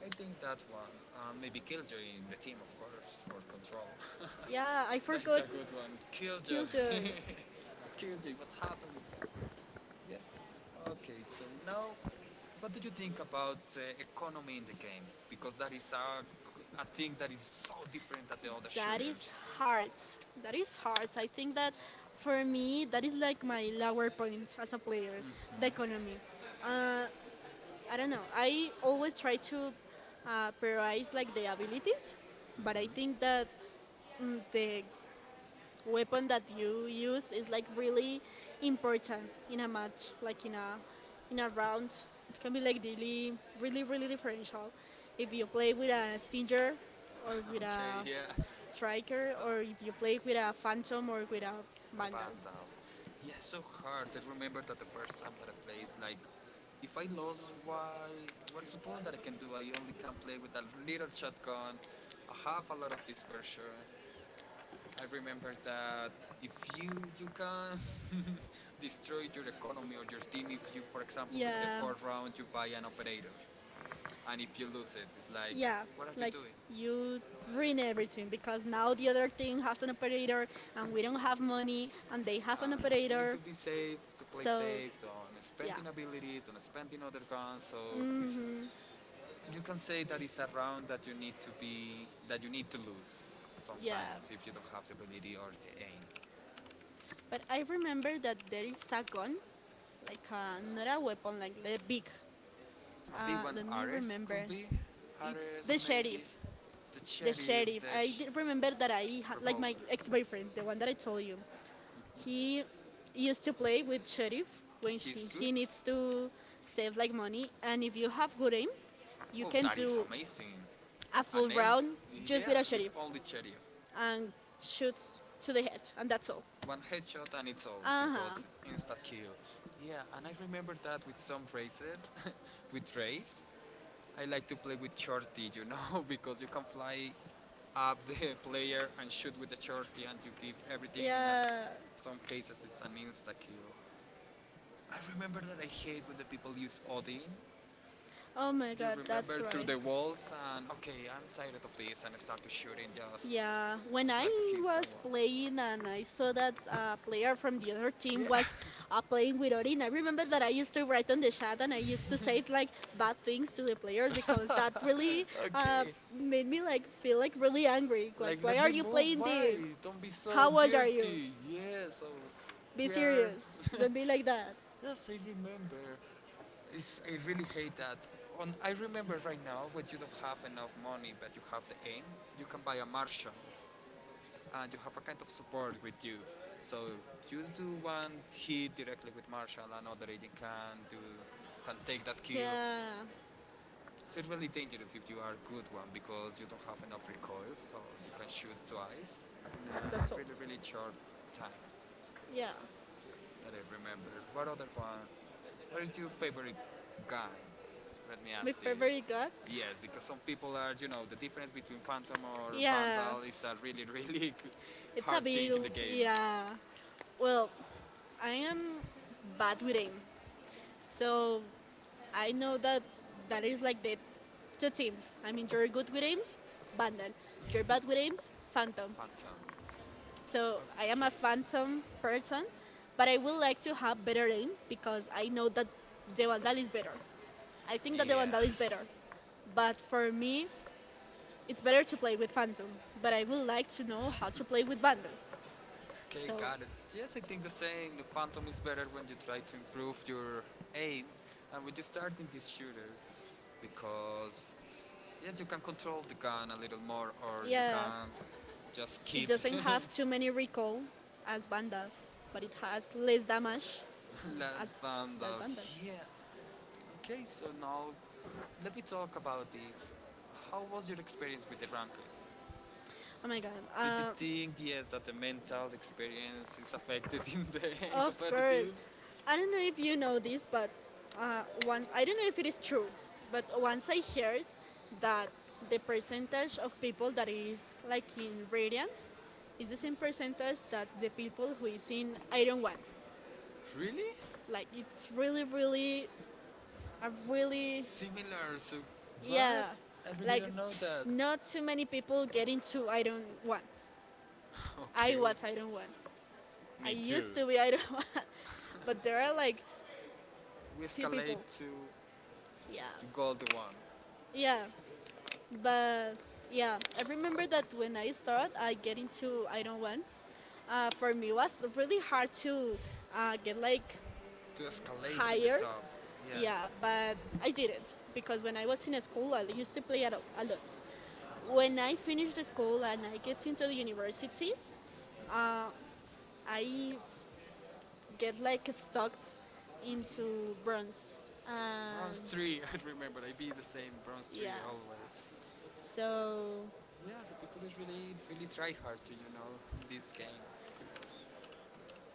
Speaker 1: I think that one, and maybe Killjoy in the team, of course, for control.
Speaker 2: Yeah, I
Speaker 1: That is
Speaker 2: forgot
Speaker 1: a good one. Killjoy,
Speaker 2: Killjoy.
Speaker 1: Killjoy, what happened with her? Yes. Okay. So now, what do you think about economy in the game? Because that is a thing that is so different than the other
Speaker 2: That is
Speaker 1: shooters.
Speaker 2: hard. That is hard. I think that for me, that is like my lower point as a player,
Speaker 1: Mhm.
Speaker 2: the economy. I don't know. I always try to prioritize like the abilities, but I think that the weapon that you use is like really important in a match, like in a round. It can
Speaker 1: Like
Speaker 2: be
Speaker 1: really,
Speaker 2: like
Speaker 1: really,
Speaker 2: really, really,
Speaker 1: really
Speaker 2: really differential. If you play with a stinger or with
Speaker 1: okay,
Speaker 2: a
Speaker 1: yeah. Striker,
Speaker 2: striker,
Speaker 1: but,
Speaker 2: or if you play with a phantom or with a vandal.
Speaker 1: Vandal. Yeah, so hard. I remember that the first time that I played, it's like, if I lose, why? What is supposed that I can do? I only can play with a little shotgun. I have a lot of dispersion. I remember that if you can destroy your economy or your team if you, for example, in the
Speaker 2: Yeah.
Speaker 1: fourth round you buy an operator, and if you lose it, it's like,
Speaker 2: Yeah,
Speaker 1: what are you
Speaker 2: like
Speaker 1: doing?
Speaker 2: you ruin everything because now the other team has an operator and we don't have money and they have an
Speaker 1: Uh, we need to
Speaker 2: operator.
Speaker 1: be safe, to play
Speaker 2: So,
Speaker 1: safe, on
Speaker 2: yeah.
Speaker 1: spending abilities, on spending other guns. So it's,
Speaker 2: hmm
Speaker 1: you can say that it's a round that you need to be that you need to lose
Speaker 2: Yeah.
Speaker 1: sometimes if you don't have the ability or the aim.
Speaker 2: But I remember that there
Speaker 1: uh,
Speaker 2: is a gun, like a, not a weapon, like the big.
Speaker 1: A big one,
Speaker 2: Let me
Speaker 1: Ares
Speaker 2: remember.
Speaker 1: could be.
Speaker 2: It's
Speaker 1: Ares,
Speaker 2: the sheriff.
Speaker 1: maybe. The
Speaker 2: The
Speaker 1: sheriff,
Speaker 2: sheriff. I did remember that I had, like my
Speaker 1: revolver.
Speaker 2: ex boyfriend, the one that I told you.
Speaker 1: Hmm.
Speaker 2: He used to play with Sheriff when
Speaker 1: He's
Speaker 2: he
Speaker 1: good.
Speaker 2: needs to save like money, and if you have good aim, you
Speaker 1: Oh,
Speaker 2: can
Speaker 1: that is
Speaker 2: do
Speaker 1: amazing.
Speaker 2: a full
Speaker 1: An
Speaker 2: round
Speaker 1: ace.
Speaker 2: just
Speaker 1: Yeah,
Speaker 2: with a
Speaker 1: with
Speaker 2: Sheriff
Speaker 1: all the sheriff.
Speaker 2: and shoot to the head, and that's all.
Speaker 1: One headshot and it's all
Speaker 2: Uh huh.
Speaker 1: because insta kill. Yeah, and I remember that with some races, with race, I like to play with shorty, because you can fly up the player and shoot with the shorty and you give everything in as
Speaker 2: Yeah.
Speaker 1: some cases it's an insta kill. I remember that I hate when the people use Odin.
Speaker 2: Oh my
Speaker 1: You
Speaker 2: god, that's
Speaker 1: remember through
Speaker 2: right.
Speaker 1: the walls and okay, I'm tired of this and I start to shooting just
Speaker 2: Yeah, when I was
Speaker 1: someone.
Speaker 2: playing and I saw that a player from the other team
Speaker 1: Yeah.
Speaker 2: was playing with Orin, I remember that I used to write on the chat and I used to say like bad things to the players because that really uh,
Speaker 1: okay.
Speaker 2: made me like feel like really angry. Like,
Speaker 1: Like,
Speaker 2: why
Speaker 1: let
Speaker 2: are
Speaker 1: me
Speaker 2: you
Speaker 1: move.
Speaker 2: playing
Speaker 1: Why?
Speaker 2: this?
Speaker 1: Don't be so
Speaker 2: How old are you?
Speaker 1: dirty. Yeah, so
Speaker 2: Be
Speaker 1: we are.
Speaker 2: serious. Don't be like that.
Speaker 1: Yes, I remember. It's, I really hate that. On, I remember right now when you don't have enough money but you have the aim, you can buy a Marshall and you have a kind of support with you. So you do one hit directly with Marshall, another agent can do can take that kill.
Speaker 2: Yeah,
Speaker 1: So it's really dangerous if you are a good one because you don't have enough recoil, so you can shoot twice in
Speaker 2: that's
Speaker 1: a
Speaker 2: all.
Speaker 1: really really short time
Speaker 2: Yeah,
Speaker 1: that I remember. What other one? What is your favorite gun? Let me ask
Speaker 2: my
Speaker 1: this.
Speaker 2: favorite god.
Speaker 1: Yes, because some people are, the difference between Phantom or
Speaker 2: Yeah,
Speaker 1: Vandal is a really really
Speaker 2: it's a
Speaker 1: hard thing in the
Speaker 2: beetle.
Speaker 1: game.
Speaker 2: Yeah. Well, I am bad with aim, so I know that that is like the two teams. I mean, you're good with aim, Vandal. You're
Speaker 1: Phantom.
Speaker 2: bad with aim, Phantom.
Speaker 1: Phantom. So
Speaker 2: So I
Speaker 1: a
Speaker 2: am a Phantom person, but
Speaker 1: person
Speaker 2: I
Speaker 1: is
Speaker 2: would like to have better aim because I know
Speaker 1: dealt
Speaker 2: that
Speaker 1: with.
Speaker 2: the Vandal is better.
Speaker 1: I
Speaker 2: I
Speaker 1: think the
Speaker 2: think that the
Speaker 1: yeah.
Speaker 2: Vandal is better,
Speaker 1: Person-
Speaker 2: but for me, it's better to play with
Speaker 1: but
Speaker 2: Phantom.
Speaker 1: to
Speaker 2: But I would like to
Speaker 1: know.
Speaker 2: know how to play with Vandal.
Speaker 1: Okay,
Speaker 2: So
Speaker 1: got it. Yes, I think the saying the Phantom is better when you try to improve your aim and when you start in this shooter because yes, you can control the gun a little more or you
Speaker 2: yeah,
Speaker 1: can just
Speaker 2: it
Speaker 1: keep. Doesn't
Speaker 2: doesn't
Speaker 1: have too
Speaker 2: have too
Speaker 1: many
Speaker 2: many
Speaker 1: recoil
Speaker 2: recall as Vandal,
Speaker 1: as Vandal
Speaker 2: but it
Speaker 1: but has
Speaker 2: has less
Speaker 1: less
Speaker 2: damage
Speaker 1: damage.
Speaker 2: as
Speaker 1: Let's
Speaker 2: that Vandal.
Speaker 1: yeah. Okay, so now let me talk about this. How was your experience with the rankings?
Speaker 2: Oh my god!
Speaker 1: Did you think yes that the mental experience is affected in the
Speaker 2: Of course,
Speaker 1: competitive?
Speaker 2: I don't know if you know this, but
Speaker 1: uh,
Speaker 2: once
Speaker 1: I
Speaker 2: I
Speaker 1: don't
Speaker 2: don't
Speaker 1: know
Speaker 2: know
Speaker 1: if
Speaker 2: if it
Speaker 1: it
Speaker 2: is
Speaker 1: is true,
Speaker 2: true,
Speaker 1: but
Speaker 2: but
Speaker 1: the
Speaker 2: once I heard
Speaker 1: punch
Speaker 2: that the
Speaker 1: of
Speaker 2: percentage of people that
Speaker 1: is
Speaker 2: is
Speaker 1: like
Speaker 2: like
Speaker 1: in
Speaker 2: in
Speaker 1: Korea
Speaker 2: Radiant
Speaker 1: is
Speaker 2: it's the
Speaker 1: the same
Speaker 2: same percentage
Speaker 1: that
Speaker 2: that the
Speaker 1: the people
Speaker 2: people who
Speaker 1: who is
Speaker 2: is
Speaker 1: saying
Speaker 2: in
Speaker 1: I don't
Speaker 2: Iron
Speaker 1: want.
Speaker 2: One.
Speaker 1: Really? Like
Speaker 2: Like
Speaker 1: it's
Speaker 2: it's really,
Speaker 1: really
Speaker 2: really, a really,
Speaker 1: absurd. Similar. So what?
Speaker 2: yeah.
Speaker 1: I really
Speaker 2: Like
Speaker 1: don't know that.
Speaker 2: not
Speaker 1: It's-
Speaker 2: too many people get
Speaker 1: it's
Speaker 2: into Iron
Speaker 1: don't want.
Speaker 2: One.
Speaker 1: I
Speaker 2: I
Speaker 1: okay. Was I don't
Speaker 2: was Iron One.
Speaker 1: want.
Speaker 2: I
Speaker 1: Me too.
Speaker 2: used to be Iron One, but
Speaker 1: But there
Speaker 2: there are
Speaker 1: are like
Speaker 2: like
Speaker 1: we
Speaker 2: few
Speaker 1: escalate
Speaker 2: people.
Speaker 1: to
Speaker 2: Yeah,
Speaker 1: the gold one. Yeah.
Speaker 2: yeah. But yeah,
Speaker 1: Yeah.
Speaker 2: I remember that when I started, I get into Iron One. For me it was really hard to get like
Speaker 1: To escalate in the
Speaker 2: higher.
Speaker 1: top. Yeah.
Speaker 2: Yeah,
Speaker 1: But
Speaker 2: but
Speaker 1: I
Speaker 2: I
Speaker 1: did this
Speaker 2: didn't
Speaker 1: because
Speaker 2: because
Speaker 1: I
Speaker 2: when I was in school, I
Speaker 1: used
Speaker 2: used
Speaker 1: to
Speaker 2: to play
Speaker 1: pick up
Speaker 2: a lot.
Speaker 1: videos. When
Speaker 2: When
Speaker 1: I
Speaker 2: I
Speaker 1: finished
Speaker 2: finish the
Speaker 1: this at
Speaker 2: school and I get into the university,
Speaker 1: university, I
Speaker 2: I
Speaker 1: get
Speaker 2: get like
Speaker 1: this into
Speaker 2: stuck into
Speaker 1: Bronze.
Speaker 2: bronze. And
Speaker 1: Bronze 3, I remember, I be the same bronze
Speaker 2: yeah,
Speaker 1: 3 always. So
Speaker 2: so
Speaker 1: yeah, the people is really really try hard to this game.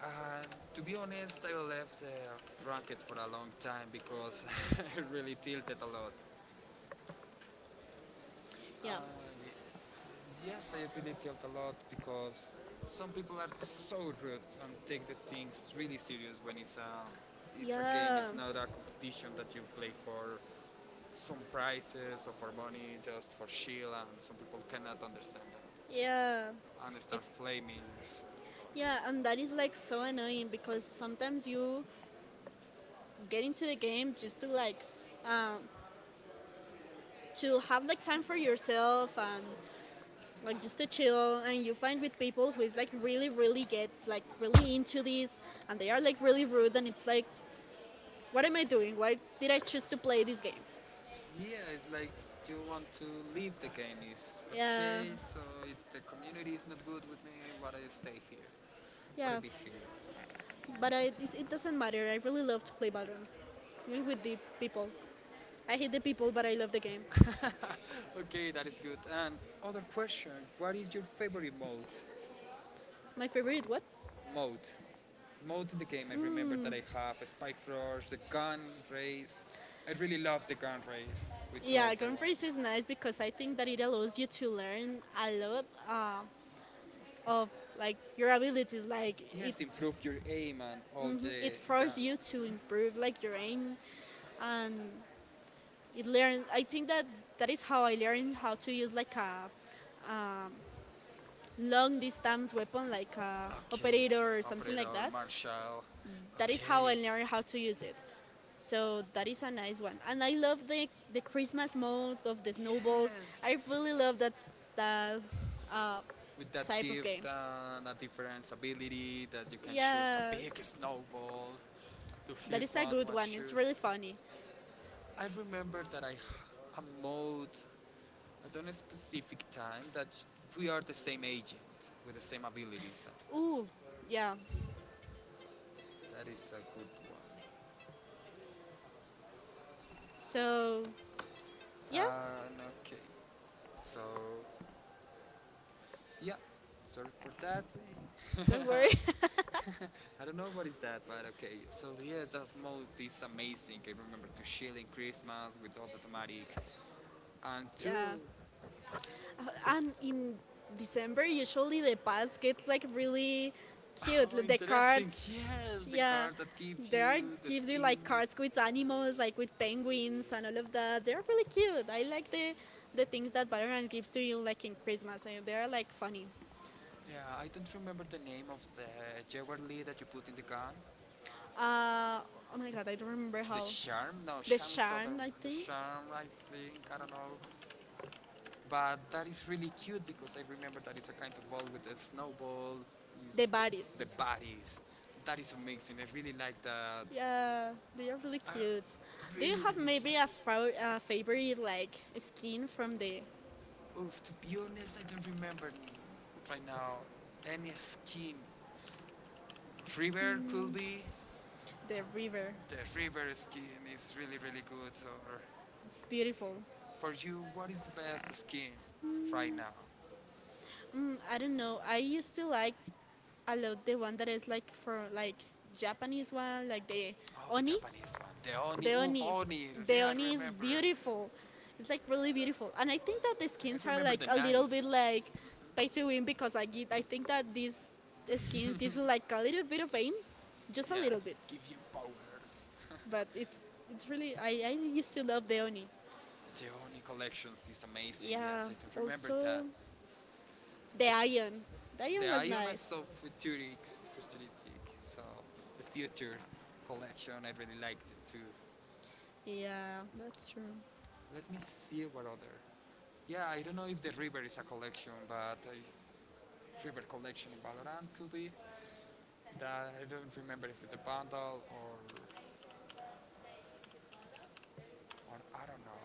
Speaker 1: And to be honest, I left the ranked for a long time because I really tilted a lot. Uh,
Speaker 2: yeah,
Speaker 1: ye- yes, I really tilt a lot because some people are so rude and take the things really serious when it's a game.
Speaker 2: yeah,
Speaker 1: It's not a competition that you play for some prizes or for money, just for shield. And some people cannot understand that.
Speaker 2: yeah,
Speaker 1: And start
Speaker 2: it's
Speaker 1: flaming. It's- oh. Yeah,
Speaker 2: yeah, and that is
Speaker 1: like
Speaker 2: like
Speaker 1: so
Speaker 2: so
Speaker 1: annoying
Speaker 2: annoying because
Speaker 1: because sometimes
Speaker 2: sometimes
Speaker 1: you
Speaker 2: you get into the
Speaker 1: you
Speaker 2: game
Speaker 1: just
Speaker 2: just
Speaker 1: to
Speaker 2: to
Speaker 1: like
Speaker 2: like
Speaker 1: uh,
Speaker 2: um,
Speaker 1: chill,
Speaker 2: to have like time for yourself and
Speaker 1: uh,
Speaker 2: like just
Speaker 1: just
Speaker 2: to
Speaker 1: to chill,
Speaker 2: chill,
Speaker 1: and
Speaker 2: and you
Speaker 1: you find
Speaker 2: find
Speaker 1: with
Speaker 2: with
Speaker 1: people
Speaker 2: people who
Speaker 1: who
Speaker 2: is like
Speaker 1: like
Speaker 2: really,
Speaker 1: really,
Speaker 2: really
Speaker 1: really get
Speaker 2: get
Speaker 1: like
Speaker 2: like really
Speaker 1: really into
Speaker 2: into
Speaker 1: this,
Speaker 2: this,
Speaker 1: and
Speaker 2: and
Speaker 1: they
Speaker 2: they
Speaker 1: are
Speaker 2: are
Speaker 1: like
Speaker 2: like really
Speaker 1: really rude,
Speaker 2: rude,
Speaker 1: and
Speaker 2: and
Speaker 1: it's
Speaker 2: it's like,
Speaker 1: like, what
Speaker 2: what
Speaker 1: am
Speaker 2: am
Speaker 1: I
Speaker 2: I
Speaker 1: doing?
Speaker 2: doing?
Speaker 1: Why
Speaker 2: Why
Speaker 1: did
Speaker 2: did
Speaker 1: I
Speaker 2: I
Speaker 1: choose
Speaker 2: choose
Speaker 1: to
Speaker 2: to
Speaker 1: play
Speaker 2: play
Speaker 1: this
Speaker 2: this game?
Speaker 1: game? Yeah, it's like you want to leave the game. Is
Speaker 2: Yeah,
Speaker 1: okay, yeah. So if the community is not good with me, why do I stay here? Why do I
Speaker 2: yeah,
Speaker 1: be here? But
Speaker 2: but I, it
Speaker 1: I,
Speaker 2: doesn't matter. I really love to play Valorant, I mean, with the people. I hate the people, but I love the game.
Speaker 1: okay, that is good. And other question: what is your favorite mode?
Speaker 2: My favorite what?
Speaker 1: Mode, mode in the game. I remember that I have Spike Rush, the gun race. I really love the gun race with all
Speaker 2: Yeah,
Speaker 1: the ones.
Speaker 2: Gunfreeze is nice because I think that it allows you to learn a lot of like your abilities. Like
Speaker 1: Yes, improve your aim and all the
Speaker 2: it
Speaker 1: guns.
Speaker 2: forces you to
Speaker 1: Mhm.
Speaker 2: improve like your aim, and it learn. I think that that is how I learned how to use like a long distance weapon, like a
Speaker 1: Okay.
Speaker 2: operator or something like
Speaker 1: Operator
Speaker 2: that.
Speaker 1: Marshall.
Speaker 2: That is how
Speaker 1: Okay.
Speaker 2: I learned how to use it. So that is a nice one. And I love the Christmas mode of the snowballs.
Speaker 1: Yes.
Speaker 2: I really love that, that uh,
Speaker 1: With that
Speaker 2: type of
Speaker 1: gift
Speaker 2: game.
Speaker 1: and a different ability that you can choose a
Speaker 2: Yeah,
Speaker 1: big snowball to
Speaker 2: that
Speaker 1: hit
Speaker 2: is a
Speaker 1: one
Speaker 2: good
Speaker 1: one
Speaker 2: one. It's
Speaker 1: shoot.
Speaker 2: really funny.
Speaker 1: I remember that a mode I don't know specific time that we are the same agent with the same abilities.
Speaker 2: Ooh, yeah.
Speaker 1: That is a good one.
Speaker 2: So, yeah,
Speaker 1: And okay, so yeah, sorry for that.
Speaker 2: don't worry.
Speaker 1: I don't know what is that, but okay. So yeah, that mode is amazing. I remember to chill in Christmas with all the thematic, and
Speaker 2: Yeah.
Speaker 1: two
Speaker 2: And in December, usually the past gets like really cute.
Speaker 1: oh,
Speaker 2: The
Speaker 1: interesting.
Speaker 2: cards,
Speaker 1: Yes, the
Speaker 2: yeah,
Speaker 1: card that gives
Speaker 2: there are
Speaker 1: you the
Speaker 2: gives you
Speaker 1: skin.
Speaker 2: like cards with animals, like with penguins and all of that. They're really cute. I like the things that Valorant gives to you like in Christmas, and they're like funny.
Speaker 1: Yeah, I don't remember the name of the jewelry that you put in the gun.
Speaker 2: Uh, oh my god, I don't remember
Speaker 1: The
Speaker 2: how
Speaker 1: charm? No,
Speaker 2: the
Speaker 1: charm is other.
Speaker 2: charm. I
Speaker 1: The
Speaker 2: think
Speaker 1: charm, I think. I don't know. But that is really cute because I remember that it's a kind of ball with a snowball.
Speaker 2: the
Speaker 1: Is the
Speaker 2: bodies.
Speaker 1: bodies. That is amazing. I really like that.
Speaker 2: Yeah, they are really
Speaker 1: I
Speaker 2: cute. Do you
Speaker 1: really.
Speaker 2: have maybe a favorite like skin from the
Speaker 1: Oof, to be honest, I don't remember right now any skin. River could be.
Speaker 2: the river?
Speaker 1: The river skin is really, really good. Or
Speaker 2: It's beautiful.
Speaker 1: for you, what is the best skin right now?
Speaker 2: I don't know. I used to like a lot the one that is like for like Japanese one, like the
Speaker 1: Oh, the
Speaker 2: oni.
Speaker 1: Japanese one. The Oni,
Speaker 2: The
Speaker 1: oof,
Speaker 2: oni,
Speaker 1: Oni.
Speaker 2: the
Speaker 1: Yeah, I
Speaker 2: oni is
Speaker 1: remember.
Speaker 2: beautiful. It's like really beautiful, and I think that the
Speaker 1: I
Speaker 2: skins are
Speaker 1: remember
Speaker 2: like
Speaker 1: the
Speaker 2: a little bit
Speaker 1: knife.
Speaker 2: like pay to win because I get, I think that these skins gives you like a little bit of pain, just a
Speaker 1: Yeah,
Speaker 2: little bit,
Speaker 1: give you powers.
Speaker 2: but it's really I used to love the oni.
Speaker 1: The Oni collections is amazing. Yes,
Speaker 2: Yeah,
Speaker 1: I don't remember that.
Speaker 2: also the iron. The
Speaker 1: The
Speaker 2: iron was
Speaker 1: Ion is
Speaker 2: nice.
Speaker 1: so futuristic, futuristic. So the future collection, I really liked it too.
Speaker 2: Yeah, that's true.
Speaker 1: Let me see what other. Yeah, I don't know if the river is a collection, but a river collection in Valorant could be. That I don't remember if it's a bundle or I don't know.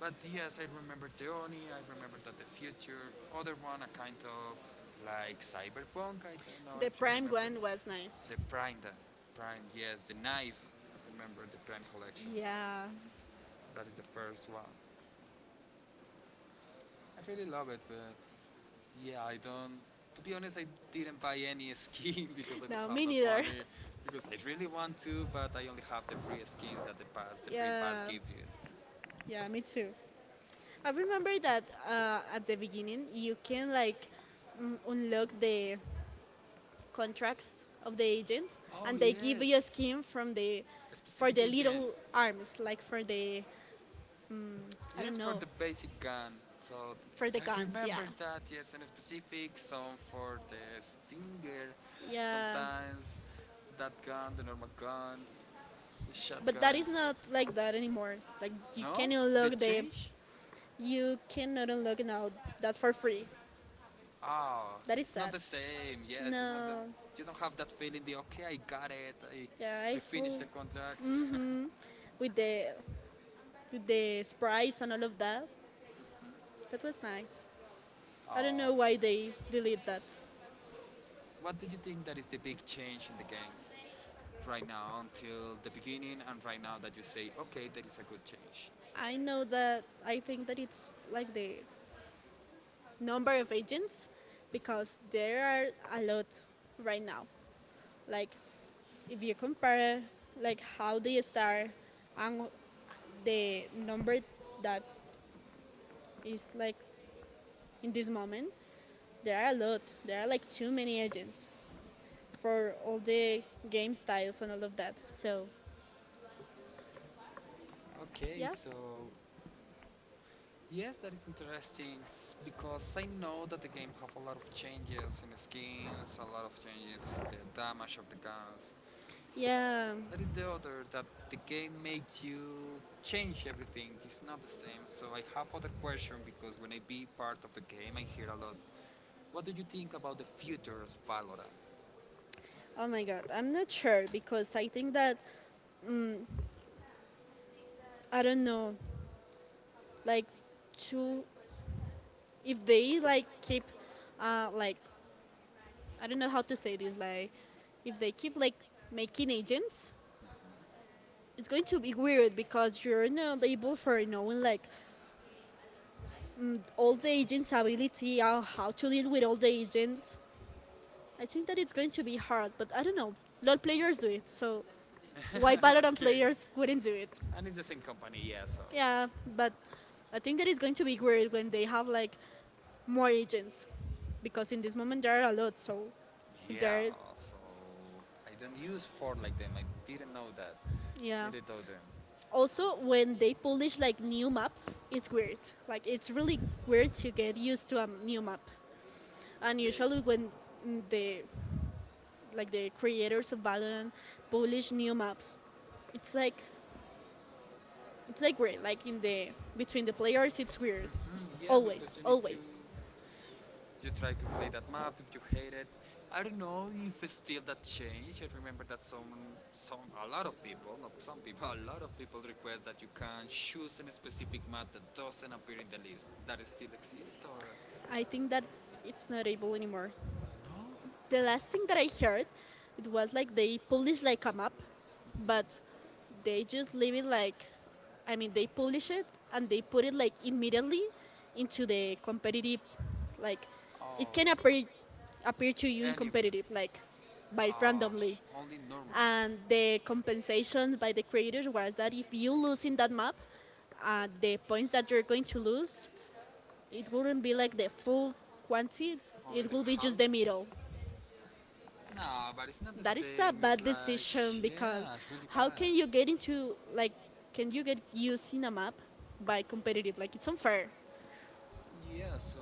Speaker 1: But yes, I remember the Oni. I remember that the future. Other one, a kind of like cyberpunk. I don't know
Speaker 2: The
Speaker 1: if you
Speaker 2: Prime
Speaker 1: remember
Speaker 2: Gwen was nice.
Speaker 1: the Prime, the Prime, yes, the knife. Remember the Prime collection?
Speaker 2: Yeah.
Speaker 1: That is the first one. I really love it, but yeah, I don't. To be honest, I didn't buy any skin because I don't
Speaker 2: No,
Speaker 1: have
Speaker 2: me
Speaker 1: that
Speaker 2: neither.
Speaker 1: money. Because I really want to, but I only have the free skins that the pass, the free pass
Speaker 2: Yeah.
Speaker 1: give you. I
Speaker 2: Yeah, me too. I
Speaker 1: remember
Speaker 2: remember
Speaker 1: that
Speaker 2: that
Speaker 1: at
Speaker 2: at the
Speaker 1: the,
Speaker 2: beginning
Speaker 1: you
Speaker 2: you
Speaker 1: can
Speaker 2: can
Speaker 1: like
Speaker 2: like unlock
Speaker 1: look the
Speaker 2: the contracts
Speaker 1: contracts of
Speaker 2: of the
Speaker 1: the agents.
Speaker 2: agents,
Speaker 1: Oh and
Speaker 2: and
Speaker 1: they give
Speaker 2: they
Speaker 1: you
Speaker 2: give
Speaker 1: yes,
Speaker 2: you
Speaker 1: a
Speaker 2: a
Speaker 1: yes, skin
Speaker 2: skin
Speaker 1: from
Speaker 2: from
Speaker 1: the
Speaker 2: the
Speaker 1: a for
Speaker 2: for
Speaker 1: specific
Speaker 2: the
Speaker 1: for the agent.
Speaker 2: little
Speaker 1: Arms,
Speaker 2: arms,
Speaker 1: like
Speaker 2: like for
Speaker 1: for the
Speaker 2: the mm, I don't
Speaker 1: yes, for
Speaker 2: know
Speaker 1: the basic gun. So
Speaker 2: for the
Speaker 1: I
Speaker 2: guns. Yeah.
Speaker 1: remember that. Yes, in specific, some for the stinger,
Speaker 2: Yeah.
Speaker 1: sometimes that gun, the normal gun, the
Speaker 2: But that
Speaker 1: shotgun.
Speaker 2: is not like that anymore. Like
Speaker 1: No, they change.
Speaker 2: you cannot unlock now that for free.
Speaker 1: Oh,
Speaker 2: That is
Speaker 1: it's not
Speaker 2: sad.
Speaker 1: the same. Yes, it's not the.
Speaker 2: No,
Speaker 1: You don't have that feeling. The okay, I got it.
Speaker 2: yeah, I
Speaker 1: I finished
Speaker 2: feel
Speaker 1: the contract.
Speaker 2: mm-hmm, with the sprites and all of that. That was nice. I don't
Speaker 1: Oh,
Speaker 2: know why they delete that.
Speaker 1: what do you think that is the big change in the game? Right now until the beginning and right now that you say, okay, that is a good change?
Speaker 2: I know that I think that it's like the number of agents because there are a lot right now. Like if you compare like how they start and the number that is like in this moment, there are a lot. There are like too many agents for all the game styles and all of that. So,
Speaker 1: Okay,
Speaker 2: yeah.
Speaker 1: so yes, that is interesting because I know that the game have a lot of changes in skins, a lot of changes in the damage of the guns. S-
Speaker 2: Yeah.
Speaker 1: That is the other that the game make you change everything. It's not the same. So I have other question because when I be part of the game, I hear a lot. What do you think about the future of Valorant?
Speaker 2: Oh my god, I'm not sure because I think that mm, I don't know, like to if they like keep like I don't know how to say this like if they keep like making agents it's going to be weird because you're not able for knowing like all the agents ability or how to deal with all the agents. I think that it's going to be hard but I don't know, LOL players do it, so why Valorant
Speaker 1: Okay.
Speaker 2: players wouldn't do it.
Speaker 1: And it's the same company, yeah, so.
Speaker 2: Yeah, but I think that it's going to be weird when they have like more agents, because in this moment there are a lot. So if there,
Speaker 1: Yeah,
Speaker 2: are,
Speaker 1: so I don't use Ford like them. I didn't know that.
Speaker 2: yeah.
Speaker 1: Neither know them.
Speaker 2: Also, when they publish like new maps, it's weird. Like it's really weird to get used to a new map. And
Speaker 1: Okay.
Speaker 2: usually when the like the creators of Valorant publish new maps, it's like it's like weird. Like in the between the players, it's weird.
Speaker 1: Hmm, yeah,
Speaker 2: Always,
Speaker 1: because you need to
Speaker 2: always.
Speaker 1: you try to play that map if you hate it. I don't know if it's still that change. I remember that some a lot of people, not some people, a lot of people request that you can choose a specific map that doesn't appear in the list. That still exists or
Speaker 2: I think that it's not able anymore.
Speaker 1: no?
Speaker 2: The last thing that I heard, it was like they publish like a map,
Speaker 1: Mhm. Like
Speaker 2: but they just leave it like, I mean, they publish it and they put it like immediately
Speaker 1: like
Speaker 2: into the competitive, like
Speaker 1: like
Speaker 2: it
Speaker 1: oh,
Speaker 2: can appear to you in
Speaker 1: Competitive
Speaker 2: competitive, like
Speaker 1: like
Speaker 2: by randomly.
Speaker 1: only normal.
Speaker 2: And the compensation by the creators was that if you lose in that map, the
Speaker 1: uh,
Speaker 2: points that you're going to lose it wouldn't be
Speaker 1: like
Speaker 2: like the full quantity,
Speaker 1: only
Speaker 2: it
Speaker 1: the
Speaker 2: will be
Speaker 1: half.
Speaker 2: just the middle.
Speaker 1: No, but it's not the
Speaker 2: That is a
Speaker 1: same. It's
Speaker 2: bad
Speaker 1: like,
Speaker 2: decision because
Speaker 1: yeah, it's really
Speaker 2: how
Speaker 1: bad.
Speaker 2: can you get into
Speaker 1: like
Speaker 2: like
Speaker 1: like
Speaker 2: can you get used in a map by competitive? Like it's
Speaker 1: so
Speaker 2: unfair.
Speaker 1: yeah, so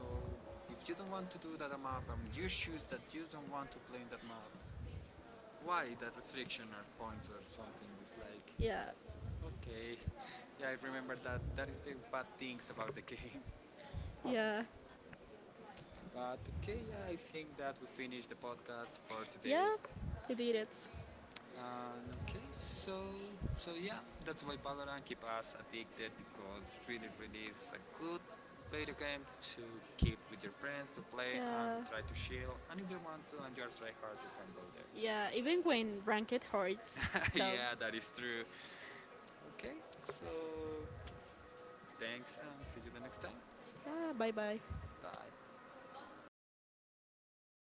Speaker 1: if you don't want to do that map and you choose that you don't want to play in that map, why that restriction or point or something. It's like,
Speaker 2: Yeah.
Speaker 1: okay, yeah, I remember that. That is the bad things about the game.
Speaker 2: Yeah.
Speaker 1: But okay, yeah, I think that we finished the podcast for today.
Speaker 2: Yeah. They did it.
Speaker 1: And okay, so so yeah, that's why Valorant keep us addicted because really, really is a good video game to keep with your friends to play and
Speaker 2: Yeah.
Speaker 1: try to chill. And if you want to and you're try hard, you can go
Speaker 2: Yeah. Even when
Speaker 1: there.
Speaker 2: ranked hurts. So
Speaker 1: Yeah, that is true. Okay, so thanks and see you the next time.
Speaker 2: yeah, bye bye.
Speaker 1: Bye.